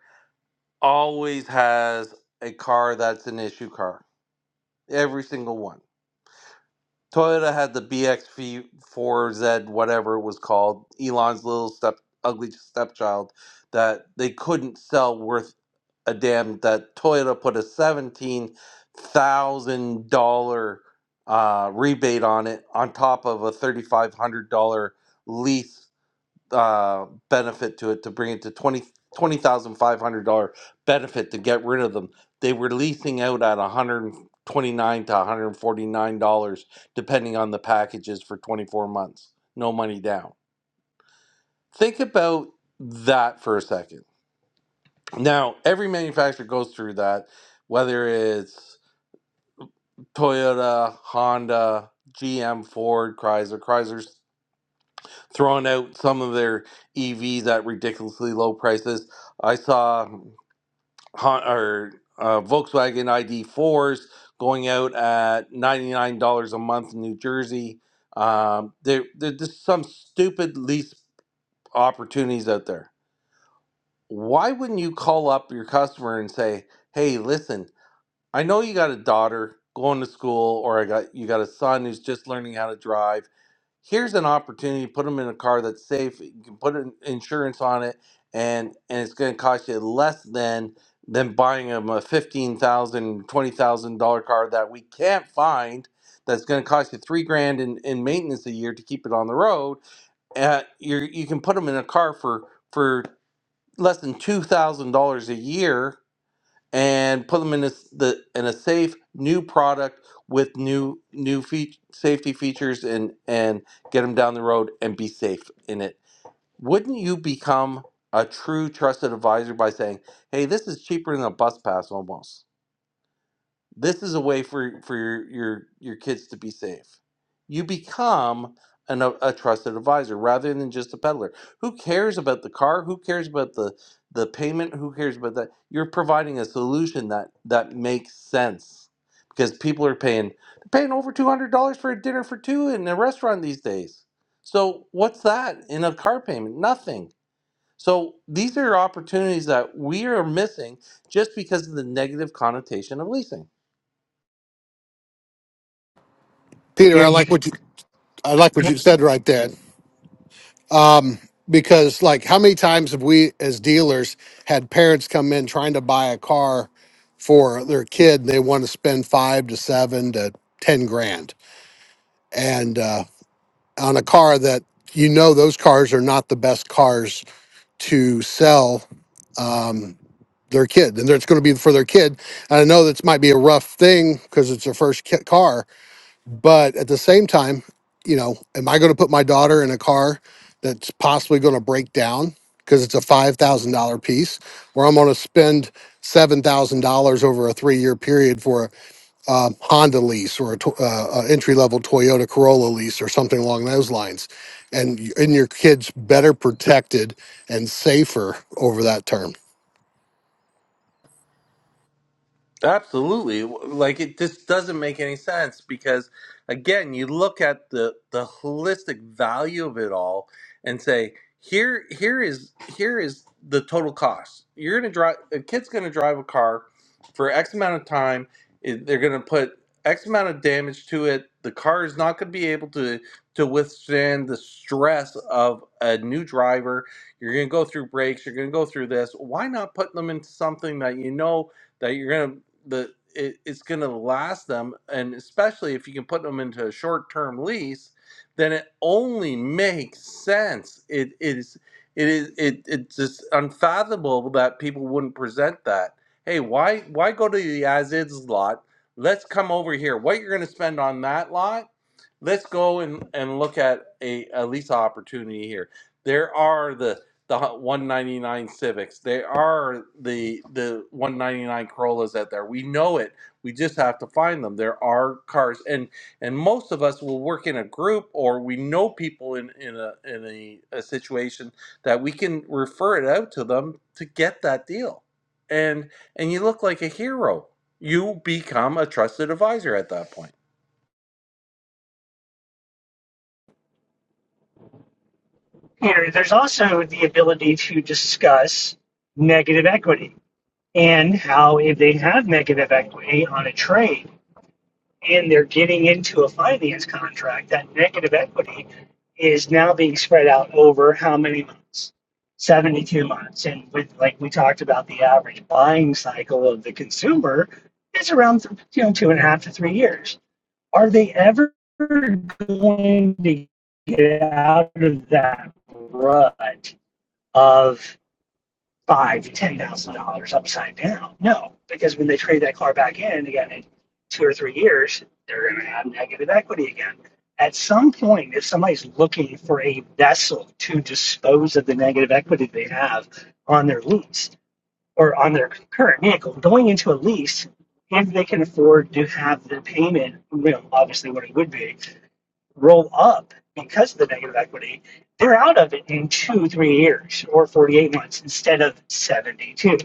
S1: always has a car that's an issue car. Every single one. Toyota had the BX4Z, whatever it was called, Elon's little step, ugly stepchild that they couldn't sell worth a dam that Toyota put a seventeen thousand dollar uh, rebate on it, on top of a thirty five hundred dollar lease uh, benefit to it to bring it to twenty twenty thousand five hundred dollar benefit to get rid of them. They were leasing out at one hundred twenty nine to one hundred forty nine dollars, depending on the packages for twenty four months, no money down. Think about that for a second now, every manufacturer goes through that, whether it's Toyota, Honda, GM, Ford, Chrysler. Chrysler's throwing out some of their EVs at ridiculously low prices. I saw or uh, Volkswagen ID4s going out at $99 a month in New Jersey. Um, there, there- there's some stupid lease opportunities out there. Why wouldn't you call up your customer and say, hey, listen, I know you got a daughter going to school, or I got you got a son who's just learning how to drive. Here's an opportunity to put them in a car that's safe. You can put an insurance on it, and and it's going to cost you less than than buying them a fifteen thousand, twenty thousand dollar car that we can't find. That's going to cost you three grand in, in maintenance a year to keep it on the road. Uh, you you can put them in a car for for less than two thousand dollars a year and put them in a, s- the in a safe new product with new new feat safety features and and get them down the road and be safe in it. Wouldn't you become a true trusted advisor by saying, "Hey, this is cheaper than a bus pass almost." This is a way for for your your, your kids to be safe. You become an, a, a trusted advisor rather than just a peddler. Who cares about the car? Who cares about the the payment? Who cares about that? You're providing a solution that that makes sense because people are paying they're paying over two hundred dollars for a dinner for two in a restaurant these days. So what's that in a car payment? Nothing. So these are opportunities that we are missing just because of the negative connotation of leasing.
S3: You
S4: Peter, I like what
S3: know,
S4: you I like what you
S3: you
S4: said right there. Um, because like how many times have we as dealers had parents come in trying to buy a car for their kid and they want to spend five to seven to ten grand and uh, on a car that you know those cars are not the best cars to sell um, their kid, and it's going to be for their kid. And I know this might be a rough thing because it's their first ki- car, but at the same time, you know, am I going to put my daughter in a car that's possibly going to break down because it's a five thousand dollar piece, where I'm going to spend seven thousand dollars over a three year period for? uh, Honda lease or a, to- uh, entry level Toyota Corolla lease or something along those lines, and y- and your kids better protected and safer over that term.
S1: Absolutely. Like it just doesn't make any sense because again, you look at the the holistic value of it all and say, here here is here is the total cost. You're going to drive a kid's going to drive a car for X amount of time, it- they're going to put X amount of damage to it. The car is not going to be able to to withstand the stress of a new driver. You're going to go through brakes, you're going to go through this. Why not put them into something that you know that you're gonna the it, it's going to last them, and especially if you can put them into a short-term lease, then it only makes sense. It it is it is it it's just unfathomable that people wouldn't present that. Hey, why why go to the as-is lot? Let's come over here. What you're going to spend on that lot? Let's go and, and look at a, a lease opportunity here. There are the the 199 Civics. They are the the 199 Corollas out there. We know it. We just have to find them. There are cars, and and most of us will work in a group, or we know people in in a in a, a situation that we can refer it out to them to get that deal. And and you look like a hero. You become a trusted advisor at that point.
S3: here, there's also the ability to discuss negative equity and how if they have negative equity on a trade and they're getting into a finance contract, that negative equity is now being spread out over how many months? 72 months. And with, like we talked about, the average buying cycle of the consumer is around you know, two and a half to three years. Are they ever going to get out of that rut? of five, ten thousand dollars upside down. No, because when they trade that car back in again in two or three years, they're going to have negative equity again. At some point, if somebody's looking for a vessel to dispose of the negative equity they have on their lease or on their current vehicle, going into a lease, if they can afford to have the payment, you know, obviously what it would be, roll up because of the negative equity, they're out of it in two, three years or 48 months instead of 72.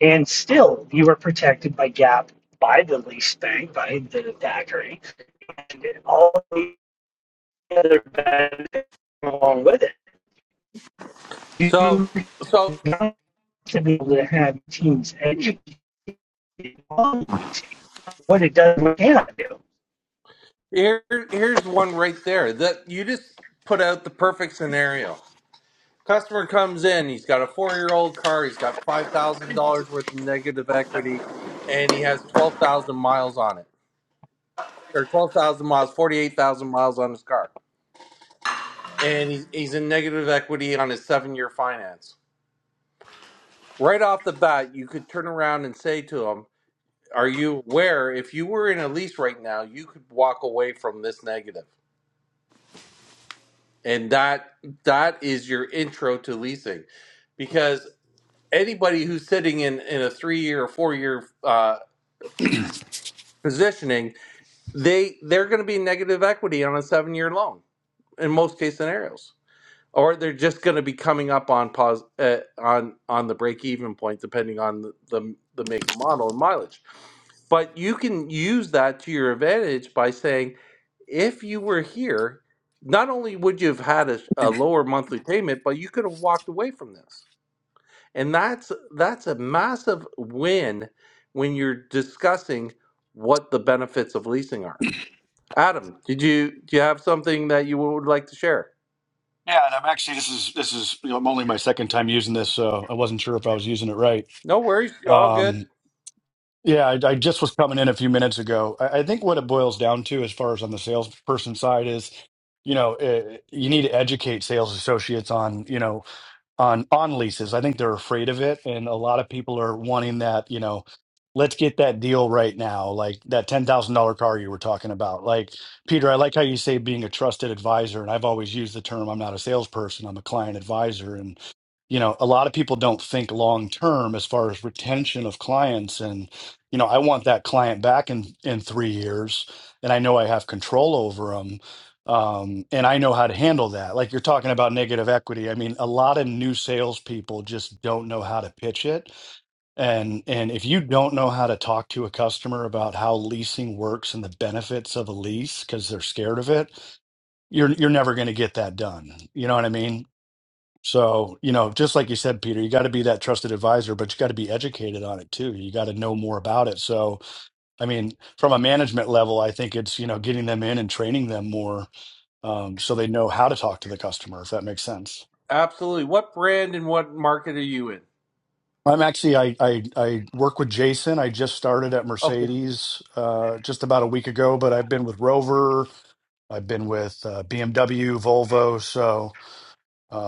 S3: And still, you are protected by GAAP, by the lease bank, by the Thackeray, and all the other benefits along with it.
S1: So
S3: You
S1: so
S3: have to be able to have teams educated on leasing, what it does, what it cannot do.
S1: here here's one right there that you just put out the perfect scenario Customer comes in, he's got a four year old car, he's got five thousand dollars worth of negative equity, and he has twelve thousand miles on it. Or twelve thousand miles, forty eight thousand miles on his car. And he, he's in negative equity on his seven year finance. Right off the bat, you could turn around and say to him, Are you aware if you were in a lease right now, you could walk away from this negative? And that that is your intro to leasing. Because anybody who's sitting in in a three year or four year positioning, they they're going to be negative equity on a seven year loan in most case scenarios, or they're just going to be coming up on pause uh, on on the break even point depending on the, the the make and model and mileage. But you can use that to your advantage by saying, if you were here, not only would you have had a, a lower monthly payment, but you could have walked away from this and that's that's a massive win when you're discussing what the benefits of leasing are. Adam, did you do you have something that you would like to share?
S7: Yeah, and I'm actually this is this is you know, I'm only my second time using this, so I wasn't sure if I was using it right.
S1: No worries, you're all good.
S7: Um, yeah, I, I just was coming in a few minutes ago. I, I think what it boils down to, as far as on the salesperson side, is you know eh, you need to educate sales associates on you know on on leases. I think they're afraid of it, and a lot of people are wanting that. You know, let's get that deal right now, like that ten thousand dollar car you were talking about. Like Peter, I like how you say being a trusted advisor, and I've always used the term. I'm not a salesperson. I'm a client advisor, and you know, a lot of people don't think long term as far as retention of clients. And you know, I want that client back in in three years, and I know I have control over them. Um, and I know how to handle that. Like you're talking about negative equity. I mean, a lot of new salespeople just don't know how to pitch it. And and if you don't know how to talk to a customer about how leasing works and the benefits of a lease because they're scared of it, you're you're never going to get that done. You know what I mean? So, you know, just like you said, Peter, you got to be that trusted advisor, but you got to be educated on it too. You got to know more about it. So, I mean, from a management level, I think it's, you know, getting them in and training them more um, so they know how to talk to the customer if that makes sense
S1: Absolutely. What brand and what market are you in?
S7: i'm actually i i, I work with jason i just started at
S1: Okay.
S7: mercedes uh, just about a week ago but i've been with rover i've been with uh, bmw volvo so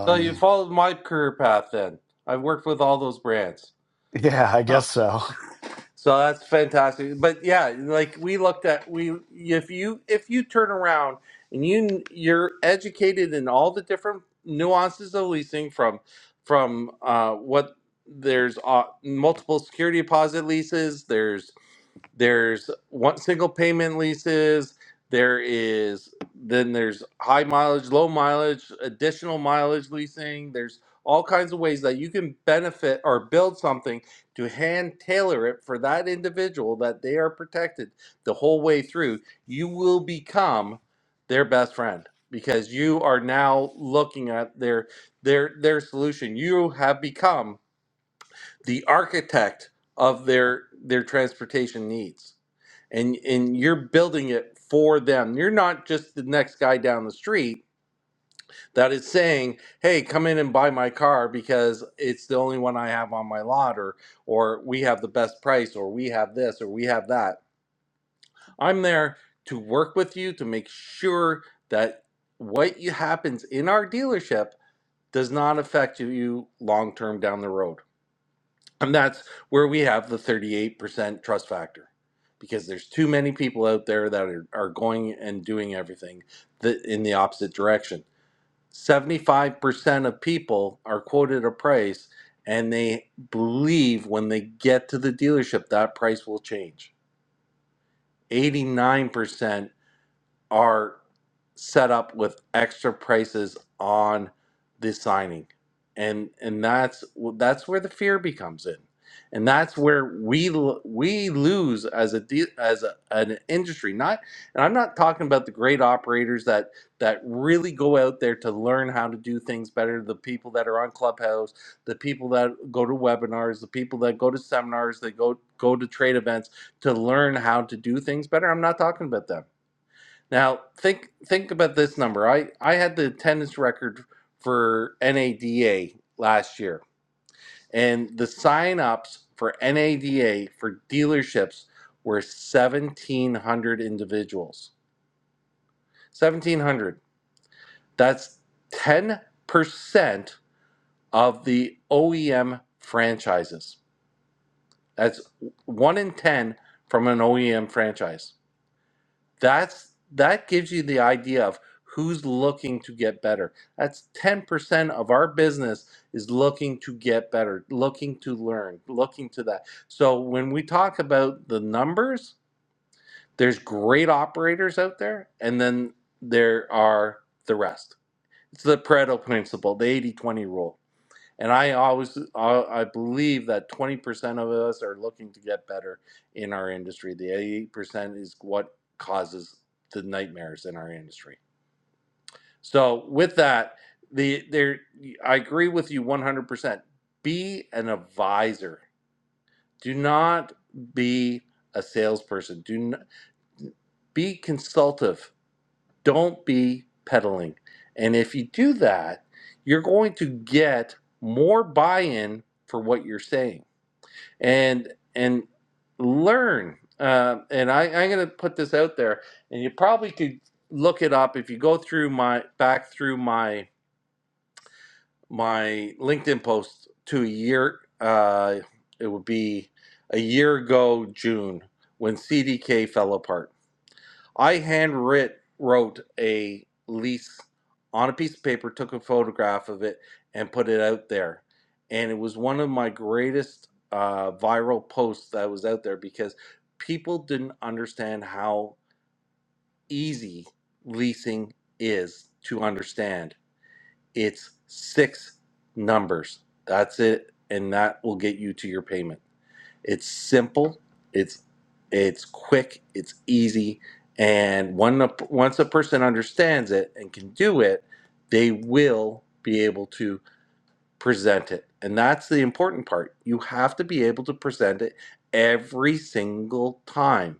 S1: So you followed my career path then. I've worked with all those brands.
S7: (laughs) yeah i
S1: (laughs)
S7: guess so (laughs)
S1: So that's fantastic. But yeah, like we looked at we if you if you turn around and you you're educated in all the different nuances of leasing from from uh, what there's uh, multiple security deposit leases. There's there's one single payment leases there is then there's high mileage low mileage additional mileage leasing there's all kinds of ways that you can benefit or build something to hand tailor it for that individual that they are protected the whole way through you will become their best friend because you are now looking at their their their solution you have become the architect of their their transportation needs and and you're building it for them. You're not just the next guy down the street that is saying, "Hey, come in and buy my car because it's the only one I have on my lot or or we have the best price or we have this or we have that." I'm there to work with you to make sure that what you happens in our dealership does not affect you long term down the road. And that's where we have the 38% trust factor because there's too many people out there that are, are going and doing everything that in the opposite direction. 75% of people are quoted a price and they believe when they get to the dealership that price will change. 89% are set up with extra prices on the signing and and that's that's where the fear becomes in and that's where we l- we lose as a de- as a, an industry not and i'm not talking about the great operators that that really go out there to learn how to do things better the people that are on clubhouse the people that go to webinars the people that go to seminars they go go to trade events to learn how to do things better i'm not talking about them now think think about this number. I I had the attendance record for NADA last year, and the sign-ups for NADA for dealerships were seventeen hundred individuals. Seventeen hundred. That's ten percent of the OEM franchises. That's one in ten from an OEM franchise. that's that gives you the idea of who's looking to get better that's 10% of our business is looking to get better looking to learn looking to that so when we talk about the numbers there's great operators out there and then there are the rest it's the pareto principle the eighty twenty rule and I always I believe that 20% of us are looking to get better in our industry. The 88% is what causes the nightmares in our industry. So with that, the there I agree with you 100%. Be an advisor. Do not be a salesperson. Do not, be consultative. Don't be peddling. And if you do that, you're going to get more buy-in for what you're saying and and learn. Uh, and I, I'm going to put this out there, and you probably could look it up if you go through my back through my my LinkedIn post to a year. Uh, it would be a year ago June when CDK fell apart I hand writ, wrote a lease on a piece of paper, took a photograph of it, and put it out there. And it was one of my greatest uh, viral posts that was out there because people didn't understand how easy leasing is to understand. It's six numbers. That's it. And that will get you to your payment. It's simple. It's it's quick. It's easy. And one once a person understands it and can do it, they will be able to present it. And that's the important part. You have to be able to present it every single time.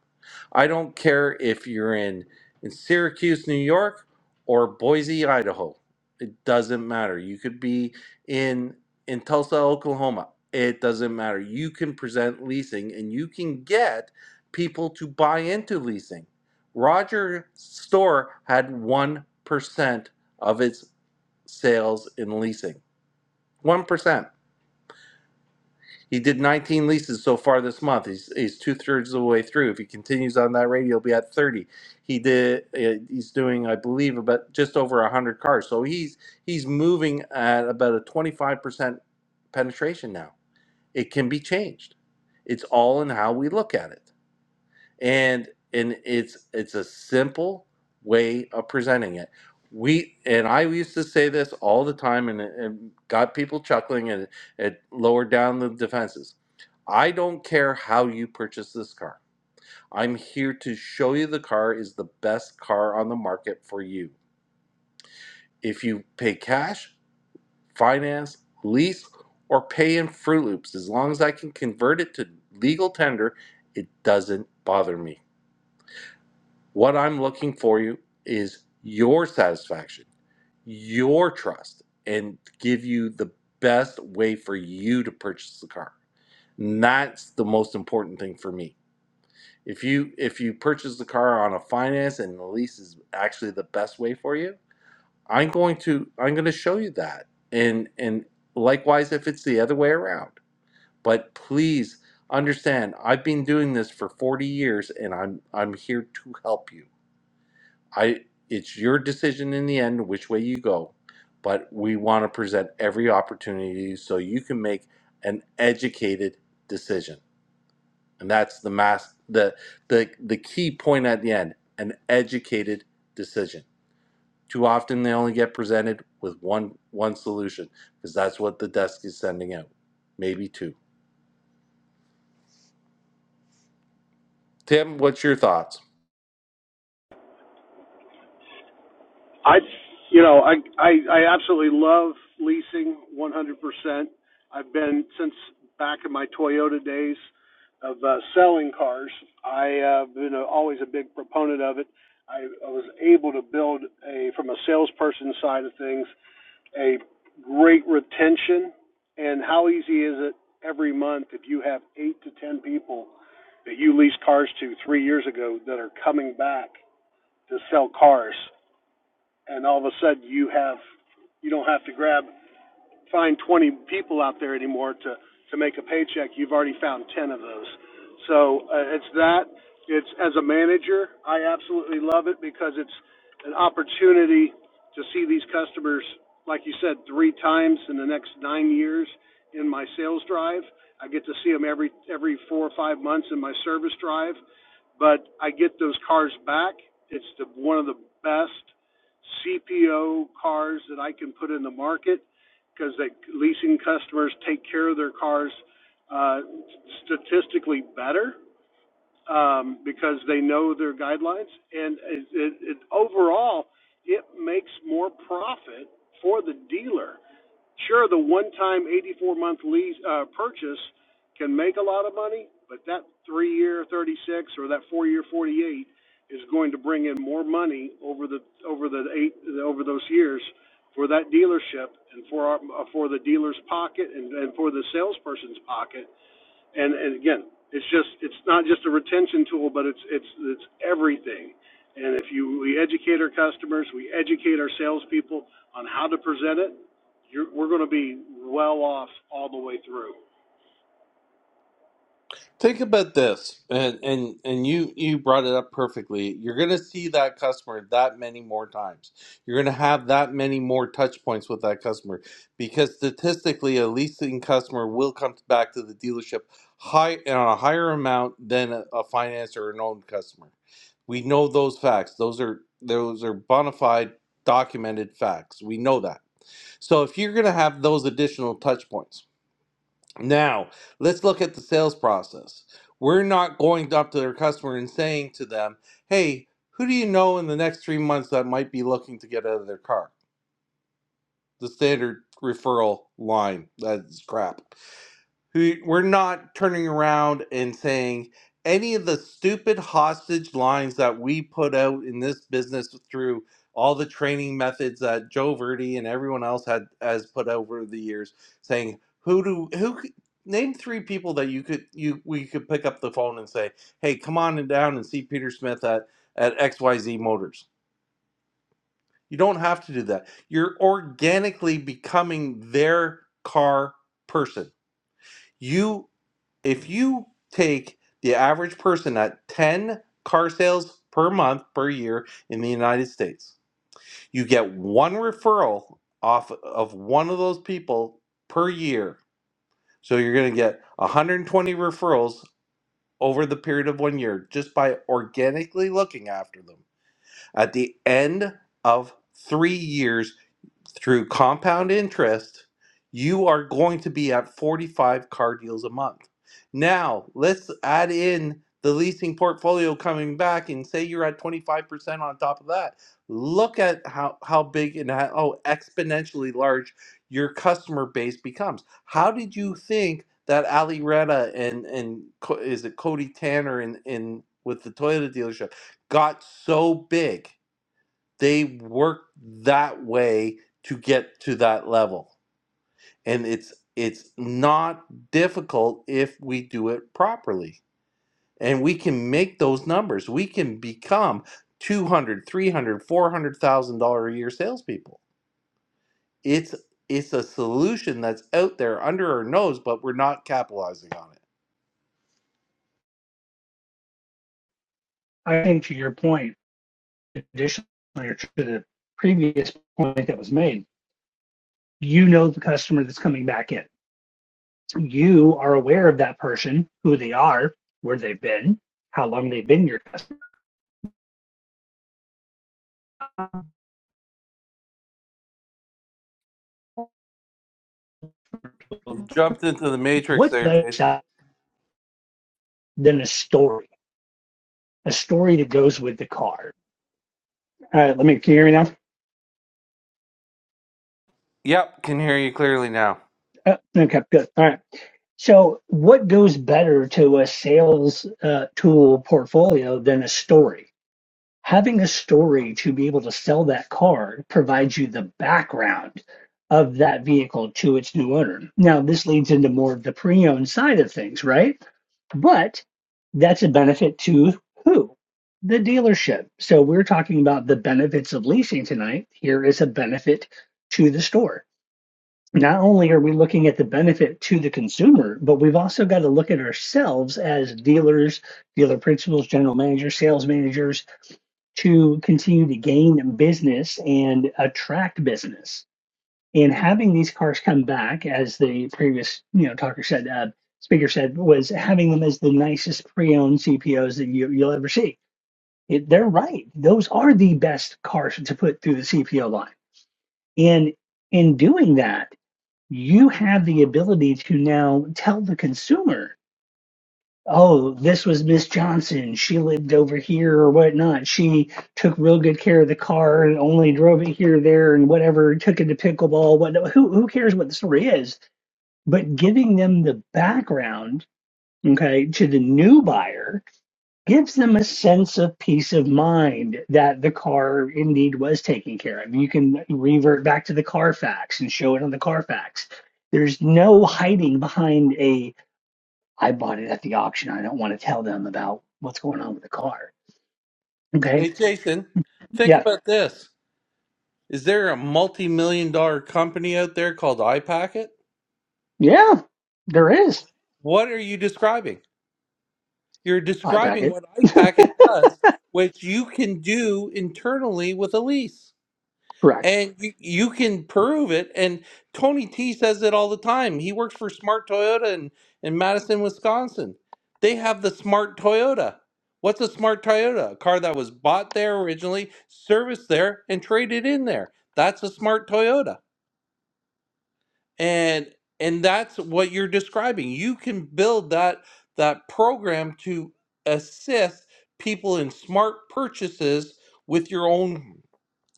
S1: I don't care if you're in, in Syracuse, New York or Boise, Idaho. It doesn't matter. You could be in in Tulsa, Oklahoma. It doesn't matter. You can present leasing and you can get people to buy into leasing. Roger's store had 1% of its sales in leasing one percent. He did 19 leases so far this month. He's he's two thirds of the way through. If he continues on that rate, he'll be at 30. He did. uh, He's doing, I believe, about just over 100 cars. So he's he's moving at about a 25 percent penetration now. It can be changed. It's all in how we look at it. and and it's it's a simple way of presenting it we and i used to say this all the time and it, it got people chuckling and it it lowered down the defenses i don't care how you purchase this car i'm here to show you the car is the best car on the market for you if you pay cash finance lease or pay in fruit loops as long as i can convert it to legal tender it doesn't bother me What I'm looking for you is your satisfaction, your trust, and give you the best way for you to purchase the car. And that's the most important thing for me. If you if you purchase the car on a finance and the lease is actually the best way for you, I'm going to I'm going to show you that. And and likewise if it's the other way around. But please understand, I've been doing this for 40 years and I'm I'm here to help you. I it's your decision in the end which way you go, but we want to present every opportunity so you can make an educated decision. And that's the mass the the the key point at the end, an educated decision. Too often they only get presented with one one solution because that's what the desk is sending out. Maybe two. Tim, what's your thoughts?
S4: I, you know, I, I, I absolutely love leasing 100%. I've been since back in my Toyota days of uh, selling cars. I uh, been a, always a big proponent of it. I, I was able to build a, from a salesperson side of things. a great retention. And how easy is it every month if you have eight to ten people that you leased cars to three years ago that are coming back to sell cars, and all of a sudden you have you don't have to grab find 20 people out there anymore to to make a paycheck. You've already found 10 of those. So uh, it's that. It's as a manager, I absolutely love it because it's an opportunity to see these customers, like you said, three times in the next nine years in my sales drive. I get to see them every every four or five months in my service drive, but I get those cars back. It's the, one of the best CPO cars that I can put in the market because the leasing customers take care of their cars uh, statistically better um, because they know their guidelines, and it, it, it, overall, it makes more profit for the dealer. Sure, the one-time 84-month lease uh, purchase can make a lot of money, but that three-year 36 or that four-year 48 is going to bring in more money over the over the eight over those years for that dealership and for our, uh, for the dealer's pocket and, and for the salesperson's pocket and and again, it's just it's not just a retention tool, but it's it's it's everything. And if you we educate our customers, we educate our salespeople on how to present it, you're, we're going to be well off all the way through.
S1: Think about this, and and and you you brought it up perfectly. You're going to see that customer that many more times. You're going to have that many more touch points with that customer because statistically, a leasing customer will come back to the dealership high on a higher amount than a, a finance or an owned customer. We know those facts. Those are those are bona fide, documented facts. We know that. So if you're going to have those additional touch points. Now, let's look at the sales process. We're not going up to their customer and saying to them, hey, who do you know in the next three months that might be looking to get out of their car? The standard referral line. That is crap who we're not turning around and saying any of the stupid hostage lines that we put out in this business through all the training methods that Joe Verdi and everyone else had has put over the years saying who do who c- name three people that you could you we could pick up the phone and say hey come on and down and see Peter Smith at at XYZ Motors you don't have to do that you're organically becoming their car person you if you take the average person at 10 car sales per month per year in the United States, you get one referral off of one of those people per year. So you're going to get 120 referrals over the period of one year just by organically looking after them. At the end of three years, through compound interest, you are going to be at 45 car deals a month. Now, let's add in the leasing portfolio coming back and say you're at 25% on top of that. Look at how, how big and how oh, exponentially large your customer base becomes. How did you think that Ali Retta and, and Co- is it Cody Tanner in, in with the Toyota dealership got so big? they work that way to get to that level and it's it's not difficult if we do it properly and we can make those numbers we can become 200, 300, dollar a year salespeople it's it's a solution that's out there under our nose but we're not capitalizing on it
S3: I think to your point, additionally, or to the previous point that was made, you know the customer that's coming back in. You are aware of that person, who they are, where they've been, how long they've been your customer.
S1: you jumped into the matrix
S3: What's
S1: there jason
S3: better than a story? A story that goes with the car. All right, let me, can you hear me now?
S1: yep can hear you clearly now
S3: Oh, okay, good. All right. So, what goes better to a sales uh, tool portfolio than a story? having a story to be able to sell that car provides you the background of that vehicle to its new owner. Now, this leads into more of the pre owned side of things, right? But that's a benefit to who? The dealership. So, we're talking about the benefits of leasing tonight. Here is a benefit to the store. Not only are we looking at the benefit to the consumer, but we've also got to look at ourselves as dealers, dealer principals, general managers, sales managers, to continue to gain business and attract business. And having these cars come back, as the previous you know talker said, uh, speaker said, was having them as the nicest pre-owned CPOs that you, you'll ever see. It, they're right; those are the best cars to put through the CPO line. And in doing that, you have the ability to now tell the consumer oh, this was Miss Johnson. She lived over here or whatnot. She took real good care of the car and only drove it here, there, and whatever. Took it to pickleball. What? Who who cares what the story is? But giving them the background, okay, to the new buyer gives them a sense of peace of mind that the car indeed was taken care of. You can revert back to the Carfax and show it on the Carfax. There's no hiding behind a. I bought it at the auction. I don't want to tell them about what's going on with the car. Okay.
S1: hey jason think
S3: Yeah.
S1: about this Is there a multi-million dollar company out there called iPacket?
S3: Yeah. There is.
S1: What are you describing? You're
S3: I pack
S1: describing
S3: it.
S1: what iPacket does, which you can do internally with a lease.
S3: (laughs) Correct.
S1: And you, you can prove it. And Tony T says it all the time. He works for Smart Toyota in, in Madison, Wisconsin. They have the Smart Toyota. What's a Smart Toyota? A car that was bought there originally, serviced there, and traded in there. That's a Smart Toyota. and and that's what you're describing you can build that that program to assist people in smart purchases with your own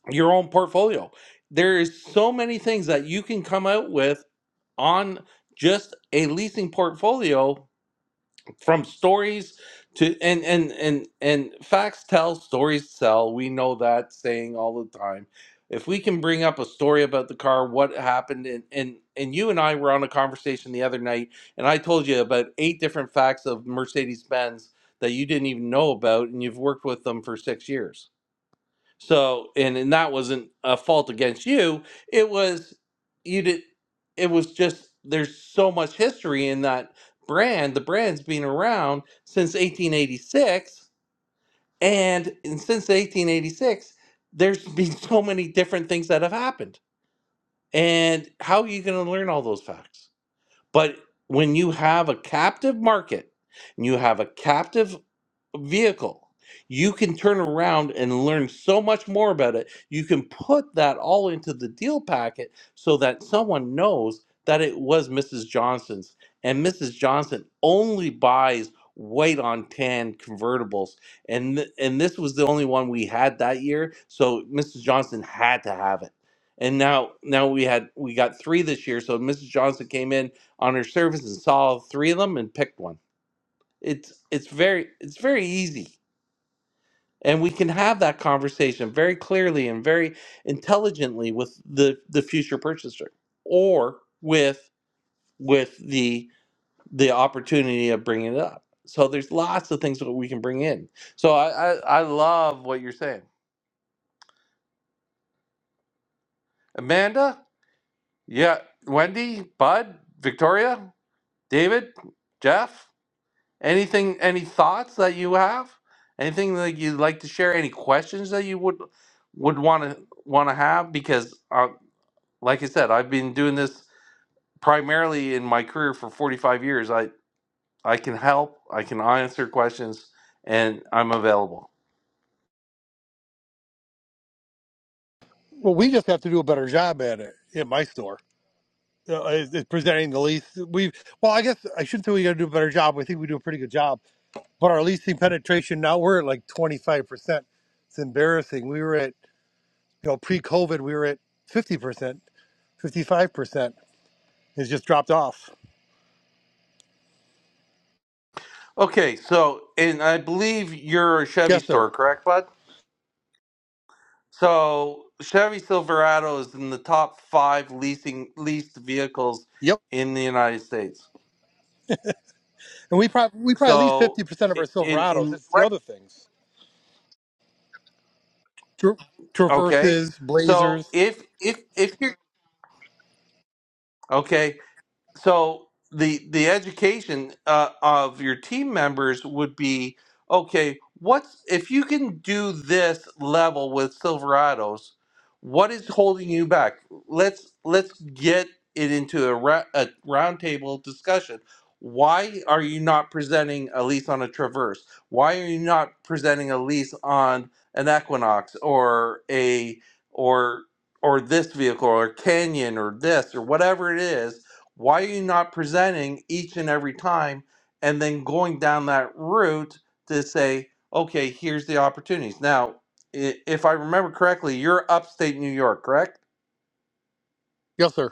S1: your own portfolio there is so many things that you can come out with on just a leasing portfolio from stories to and and and and facts tell stories sell we know that saying all the time if we can bring up a story about the car what happened and and and you and i were on a conversation the other night and i told you about eight different facts of mercedes-benz that you didn't even know about and you've worked with them for six years so, and and that wasn't a fault against you. It was you did. It was just there's so much history in that brand. The brand's been around since 1886, and, and since 1886, there's been so many different things that have happened. And how are you going to learn all those facts? But when you have a captive market, and you have a captive vehicle. You can turn around and learn so much more about it. You can put that all into the deal packet so that someone knows that it was Mrs. Johnson's. And Mrs. Johnson only buys white on tan convertibles. And th- and this was the only one we had that year. So Mrs. Johnson had to have it. And now now we had we got three this year. So Mrs. Johnson came in on her service and saw three of them and picked one. It's it's very it's very easy and we can have that conversation very clearly and very intelligently with the the future purchaser or with with the the opportunity of bringing it up so there's lots of things that we can bring in so i i, I love what you're saying amanda yeah wendy bud victoria david jeff anything any thoughts that you have anything that you'd like to share any questions that you would would want to want to have because uh, Like I said, I've been doing this primarily in my career for 45 years. I, I can help, I can answer questions, and I'm available.
S8: Well, we just have to do a better job at it in my store. Uh, is, is presenting the lease. We well, I guess I shouldn't say we got to do a better job. We think we do a pretty good job, but our leasing penetration now we're at like twenty five percent. It's embarrassing. We were at you know pre COVID we were at fifty percent, fifty five percent. It's just dropped off.
S1: Okay, so, and I believe you're a Chevy
S8: Yes, sir.
S1: store, correct, bud? So Chevy Silverado is in the top five leasing leased vehicles
S8: Yep.
S1: in the United States.
S8: And we probably we probably lease
S1: So
S8: fifty percent of our
S1: i- in
S8: Silverados.
S1: in
S8: It's the
S1: rec-
S8: other things, Tra-
S1: okay,
S8: Traverses,
S1: so
S8: Blazers.
S1: if if if you're okay, so the the education uh, of your team members would be okay what's if you can do this level with silverados what is holding you back let's let's get it into a, ra- a roundtable discussion why are you not presenting a lease on a traverse why are you not presenting a lease on an equinox or a or or this vehicle or canyon or this or whatever it is why are you not presenting each and every time and then going down that route to say, okay, here's the opportunities? Now, i- if I remember correctly, you're upstate New York, correct?
S8: Yes, sir.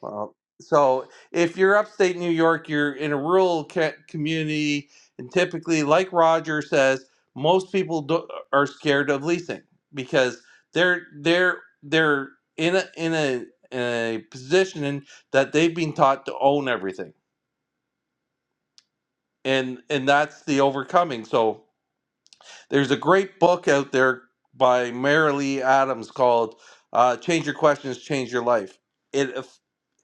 S1: Well, so if you're upstate New York, you're in a rural ca- community, and typically, like Roger says, most people do- uh, are scared of leasing because they're they're they're in a in a, in a position that they've been taught to own everything and and that's the overcoming so there's a great book out there by mary lee adams called uh, change your questions change your life it eff-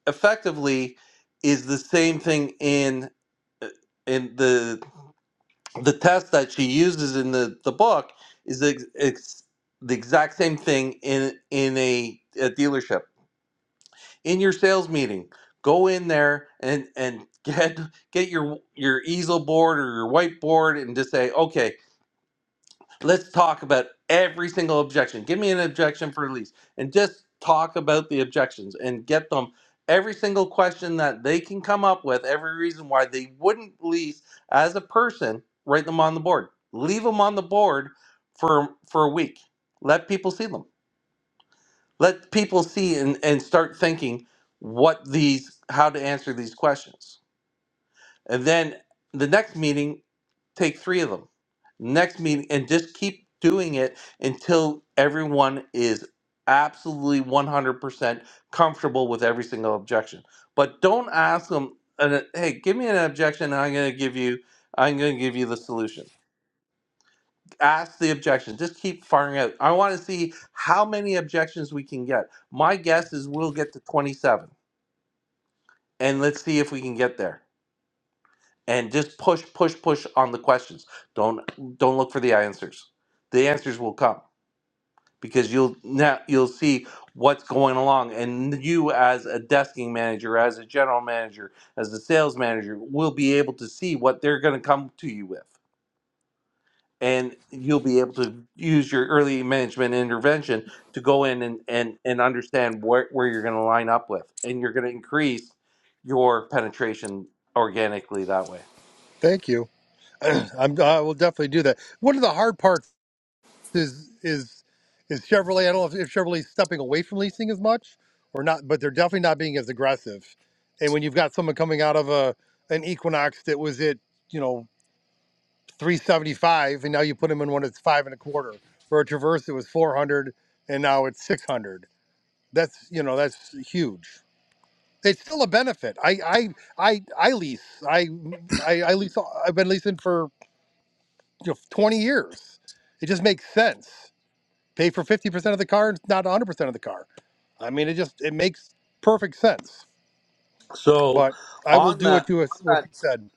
S1: effectively is the same thing in in the the test that she uses in the the book is the ex, the exact same thing in in a, a dealership in your sales meeting go in there and and (laughs) get get your your easel board or your whiteboard and just say okay let's talk about every single objection. Give me an objection for release and just talk about the objections and get them every single question that they can come up with, every reason why they wouldn't release as a person, write them on the board. Leave them on the board for for a week. Let people see them. Let people see and, and start thinking what these how to answer these questions. And then the next meeting Take three of them. Next meeting, and just keep doing it until everyone is absolutely 100% comfortable with every single objection. But don't ask them, an, "Hey, give me an objection. And I'm going to give you, I'm going to give you the solution." Ask the objection. Just keep firing out. I want to see how many objections we can get. My guess is we'll get to 27, and let's see if we can get there and just push push push on the questions don't don't look for the answers the answers will come because you'll now you'll see what's going along and you as a desking manager as a general manager as a sales manager will be able to see what they're going to come to you with and you'll be able to use your early management intervention to go in and and, and understand where, where you're going to line up with and you're going to increase your penetration organically that way
S8: Thank you. (clears throat) I'm, I will definitely do that. One of the hard parts? is is is Chevrolet. I don't know if, if Chevrolet's stepping away from leasing as much or not, but they're definitely not being as aggressive. And when you've got someone coming out of a an Equinox that was at you know three seventy five, and now you put them in one that's five and a quarter, or a Traverse that was four hundred, and now it's six hundred. That's you know that's huge. It's still a benefit. I I I, I lease. I, I I lease. I've been leasing for you know, twenty years. It just makes sense. Pay for 50% of the car, not 100% of the car. I mean, it just it makes perfect sense.
S1: So
S8: But I will
S1: on
S8: do
S1: that
S8: what you
S1: on
S8: what
S1: that
S8: you said.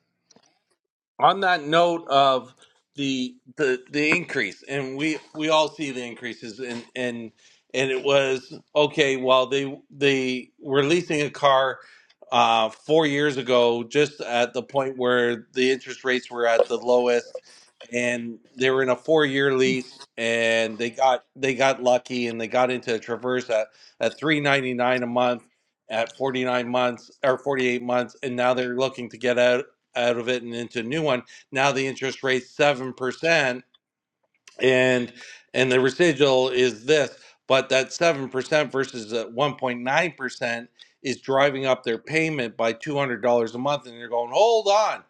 S1: on that note of the the the increase, and we we all see the increases, and and and it was okay. Well, they they were leasing a car uh, four years ago, just at the point where the interest rates were at the lowest and they were in a four-year lease and they got they got lucky and they got into a Traverse at at 3.99 a month at 49 months or 48 months and now they're looking to get out out of it and into a new one. Now the interest rate's 7% and and the residual is this but that 7% versus that 1.9% is driving up their payment by $200 a month and you're going hold on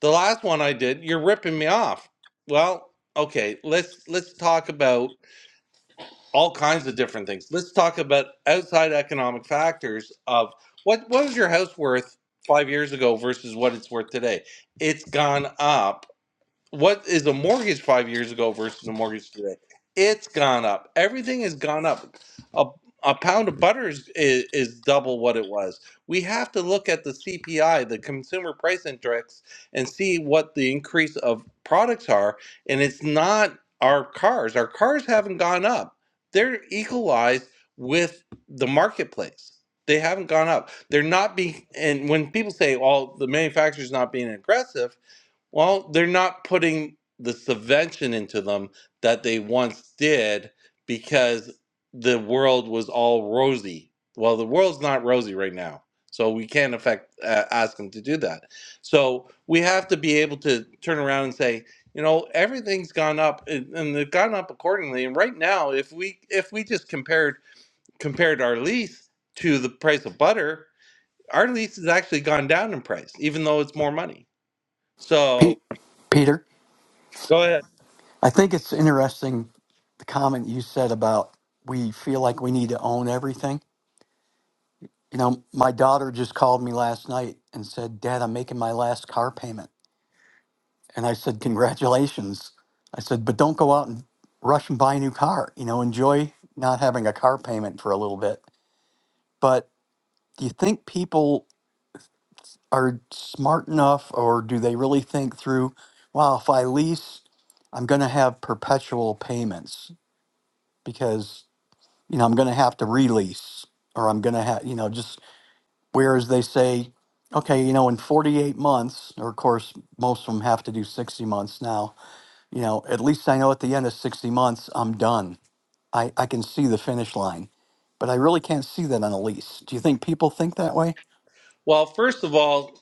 S1: the last one i did you're ripping me off well okay let's let's talk about all kinds of different things let's talk about outside economic factors of what what was your house worth five years ago versus what it's worth today it's gone up what is a mortgage five years ago versus a mortgage today? It's gone up. Everything has gone up. A, a pound of butter is, is, is double what it was. We have to look at the CPI, the Consumer Price Index, and see what the increase of products are. And it's not our cars. Our cars haven't gone up. They're equalized with the marketplace. They haven't gone up. They're not being, and when people say, well, the manufacturer's not being aggressive, well, they're not putting the subvention into them that they once did because the world was all rosy. Well, the world's not rosy right now. So we can't affect uh, ask them to do that. So we have to be able to turn around and say, you know, everything's gone up and and they've gone up accordingly. And right now, if we if we just compared compared our lease to the price of butter, our lease has actually gone down in price, even though it's more money.
S9: Pe-
S1: So
S9: Peter,
S1: go ahead.
S9: I think it's interesting the comment you said about we feel like we need to own everything. You know, my daughter just called me last night and said, Dad, I'm making my last car payment. And I said, Congratulations. I said, But don't go out and rush and buy a new car. You know, enjoy not having a car payment for a little bit. But do you think people are smart enough or do they really think through, wow, if I lease, I'm going to have perpetual payments? Because you know, I'm going to have to release or I'm going to have, you know, just whereas they say, okay, you know, in 48 months, or of course, most of them have to do 60 months now, you know, at least I know at the end of 60 months, I'm done. I, I can see the finish line, but I really can't see that on a lease. Do you think people think that way?
S1: Well, first of all,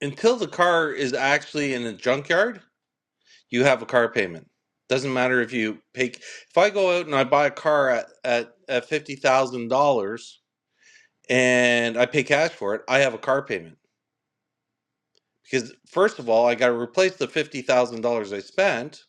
S1: until the car is actually in a junkyard, you have a car payment. Doesn't matter if you pay. If I go out and I buy a car at at, at fifty thousand dollars and I pay cash for it, I have a car payment because first of all, I got to replace the fifty thousand dollars I spent,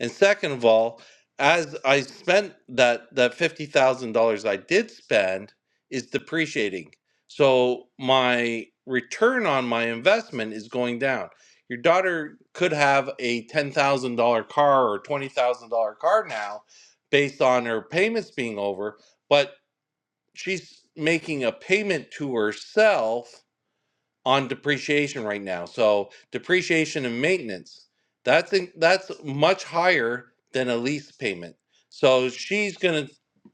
S1: And second of all, as I spent that that fifty thousand dollars I did spend is depreciating. So my return on my investment is going down. Your daughter could have a ten thousand dollar car or twenty thousand dollar car now based on her payments being over, but she's making a payment to herself on depreciation right now. So depreciation and maintenance, that's in, that's much higher than a lease payment. So she's gonna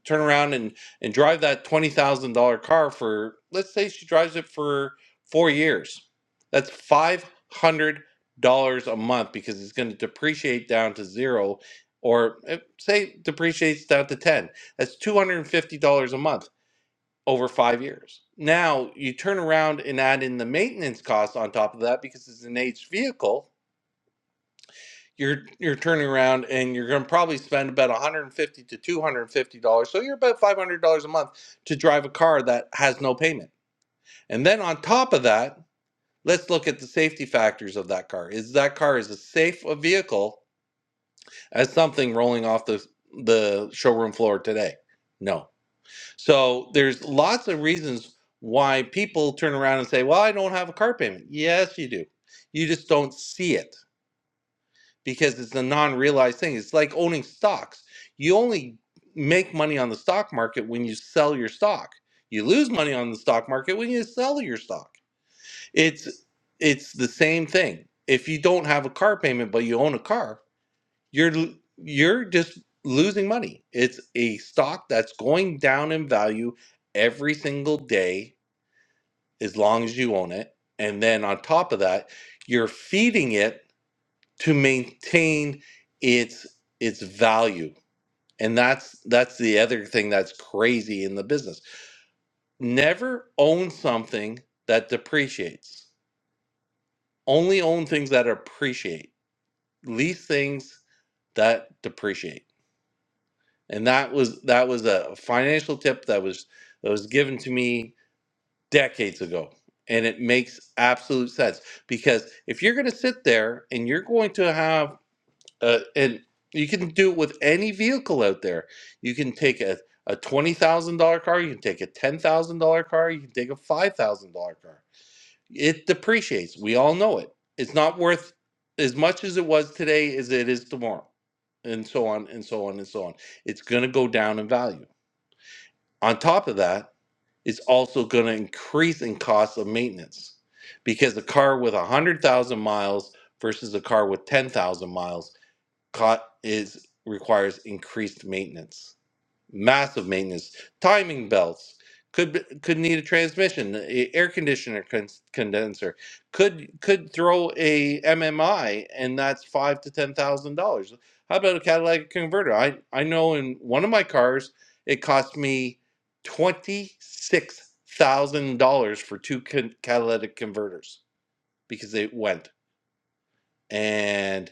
S1: turn around and and drive that twenty thousand dollar car for let's say she drives it for four years. That's five hundred dollars a month because it's going to depreciate down to zero, or eh, say depreciates down to ten. That's two hundred and fifty dollars a month over five years. Now you turn around and add in the maintenance costs on top of that because it's an aged vehicle. You're you're turning around and you're going to probably spend about 150 to 250 dollars. So you're about 500 dollars a month to drive a car that has no payment. And then on top of that, let's look at the safety factors of that car. Is that car is as safe a vehicle as something rolling off the the showroom floor today? No. So there's lots of reasons why people turn around and say, "Well, I don't have a car payment." Yes, you do. You just don't see it because it's a non-realized thing. It's like owning stocks. You only make money on the stock market when you sell your stock. You lose money on the stock market when you sell your stock. It's it's the same thing. If you don't have a car payment but you own a car, you're you're just losing money. It's a stock that's going down in value every single day as long as you own it. And then on top of that, you're feeding it to maintain its its value. And that's that's the other thing that's crazy in the business. Never own something that depreciates. Only own things that appreciate. Lease things that depreciate and that was that was a financial tip that was that was given to me decades ago and it makes absolute sense because if you're going to sit there and you're going to have uh, and you can do it with any vehicle out there you can take a, a $20000 car you can take a $10000 car you can take a $5000 car it depreciates. We all know it. It's not worth as much as it was today as it is tomorrow, and so on and so on and so on. It's going to go down in value. On top of that, it's also going to increase in cost of maintenance because a car with 100,000 miles versus a car with 10,000 miles co- is requires increased maintenance massive maintenance. Timing belts could be- could need a transmission, a air conditioner cons- condenser could could throw a MMI, and that's five to ten thousand dollars. How about a catalytic converter? I I know in one of my cars it cost me twenty six thousand dollars for two con- catalytic converters because they went and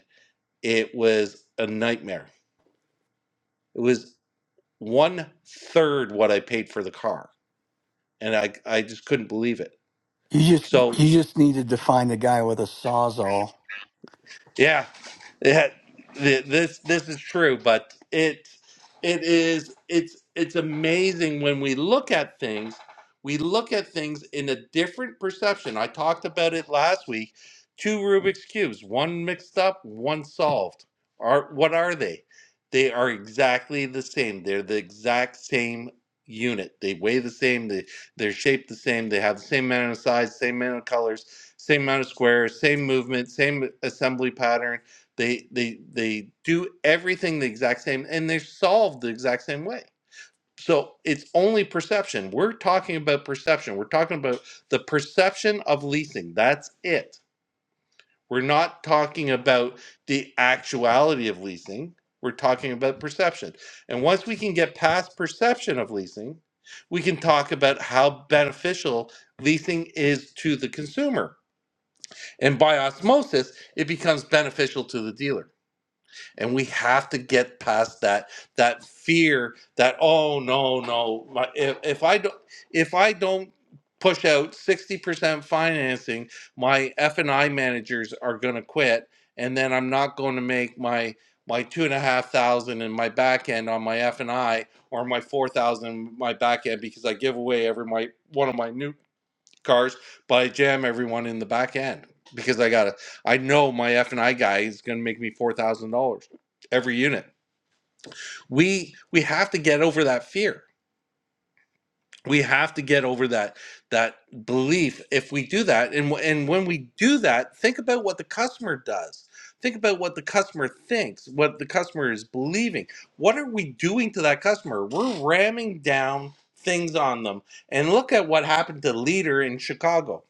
S1: it was a nightmare. It was one third what I paid for the car and I I just couldn't believe it.
S9: You just
S1: So
S9: you just need to define the guy with a sawzall
S1: yeah, yeah, th- this this is true, but it it is it's it's amazing when we look at things. We look at things in a different perception. I talked about it last week. Two Rubik's cubes, one mixed up, one solved. Are what are they? They are exactly the same. They're the exact same unit. They weigh the same. They they're shaped the same. They have the same amount of size, same amount of colors same amount of squares, same movement, same assembly pattern. They they they do everything the exact same and they're solved the exact same way. So it's only perception. We're talking about perception. We're talking about the perception of leasing. That's it. We're not talking about the actuality of leasing. We're talking about perception. And once we can get past perception of leasing, we can talk about how beneficial leasing is to the consumer and by osmosis, it becomes beneficial to the dealer. And we have to get past that that fear that oh no no my, if, if I don't if I don't push out 60% financing, my F&I managers are going to quit and then I'm not going to make my my two and a half thousand and my back end on my F&I or my 4,000 my back end because I give away every my one of my new cars, but I jam everyone in the back end because I gotta. I know my F and I guy is gonna make me four thousand dollars every unit. We we have to get over that fear. We have to get over that that belief. If we do that, and wh- and when we do that, think about what the customer does. Think about what the customer thinks, what the customer is believing. What are we doing to that customer? We're ramming down things on them. And look at what happened to Leader in Chicago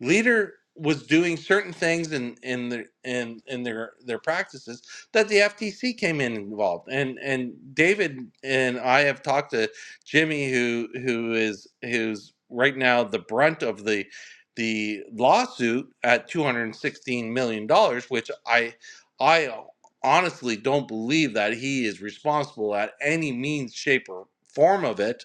S1: leader was doing certain things in in the in in their their practices that the FTC came in involved and and David and I have talked to Jimmy who who is who's right now the brunt of the the lawsuit at 216 million dollars which I I honestly don't believe that he is responsible at any means shape or form of it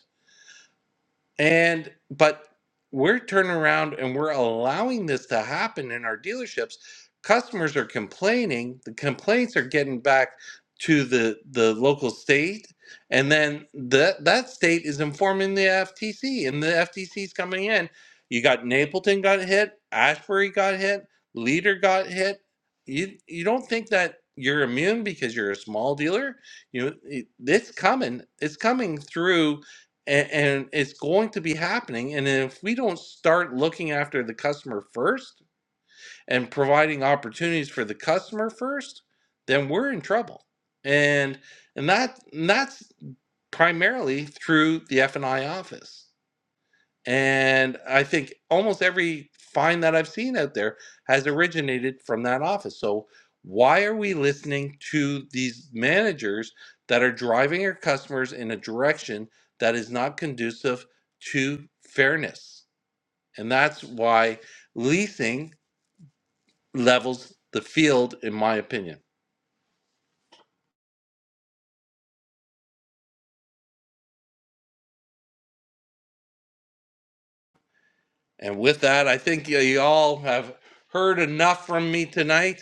S1: and but we're turning around and we're allowing this to happen in our dealerships. Customers are complaining, the complaints are getting back to the the local state and then that that state is informing the FTC and the FTC is coming in. You got Napleton got hit, Ashbury got hit, Leader got hit. You you don't think that you're immune because you're a small dealer? You know, it- it's coming. It's coming through and, and it's going to be happening. And if we don't start looking after the customer first and providing opportunities for the customer first, then we're in trouble. And and that and that's primarily through the F and I office. And I think almost every fine that I've seen out there has originated from that office. So why are we listening to these managers that are driving our customers in a direction that is not conducive to fairness? And that's why leasing levels the field, in my opinion. And with that, I think y'all have heard enough from me tonight.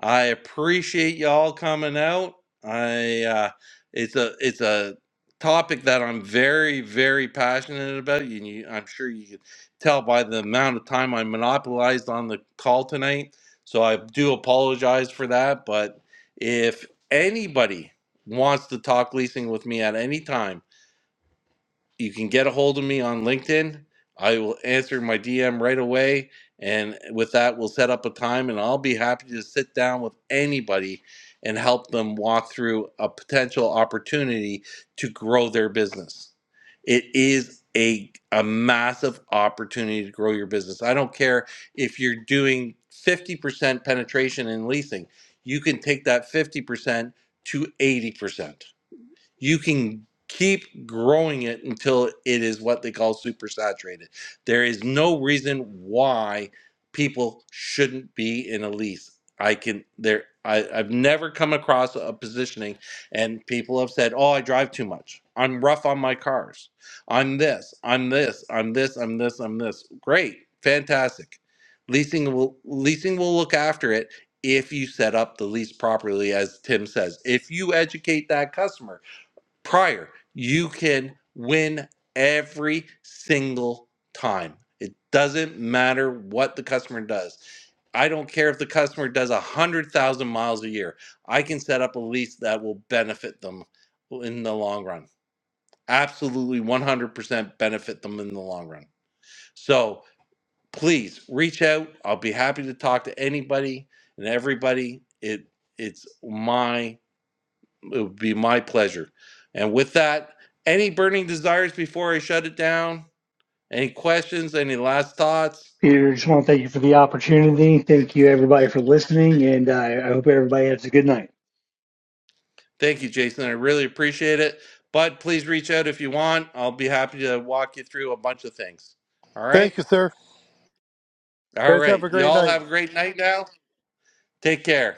S1: I appreciate y'all coming out. I uh, it's a it's a topic that I'm very very passionate about. You, you I'm sure you can tell by the amount of time I monopolized on the call tonight. So I do apologize for that. But if anybody wants to talk leasing with me at any time you can get a hold of me on LinkedIn. I will answer my DM right away. And with that, we'll set up a time and I'll be happy to sit down with anybody and help them walk through a potential opportunity to grow their business. It is a, a massive opportunity to grow your business. I don't care if you're doing 50% penetration in leasing, you can take that 50% to 80% you can keep growing it until it is what they call supersaturated. There is no reason why people shouldn't be in a lease. I can there I, I've never come across a positioning and people have said, Oh, I drive too much. I'm rough on my cars. I'm this, I'm this, I'm this, I'm this, I'm this. Great. Fantastic. Leasing will leasing will look after it if you set up the lease properly, as Tim says. If you educate that customer, prior. You can win every single time. It doesn't matter what the customer does. I don't care if the customer does 100,000 miles a year. I can set up a lease that will benefit them in the long run. Absolutely 100% benefit them in the long run. So please reach out. I'll be happy to talk to anybody and everybody. It it's my it would be my pleasure. And with that, any burning desires before I shut it down? Any questions? Any last thoughts?
S3: Peter, just want to thank you for the opportunity. Thank you, everybody, for listening. And I I hope everybody has a good night.
S1: Thank you, Jason. I really appreciate it. But please reach out if you want. I'll be happy to walk you through a bunch of things. All right.
S8: Thank you, sir. You
S1: All
S8: Guys, have
S1: right.
S8: a great
S1: Y'all
S8: night.
S1: have a great night now. Take care.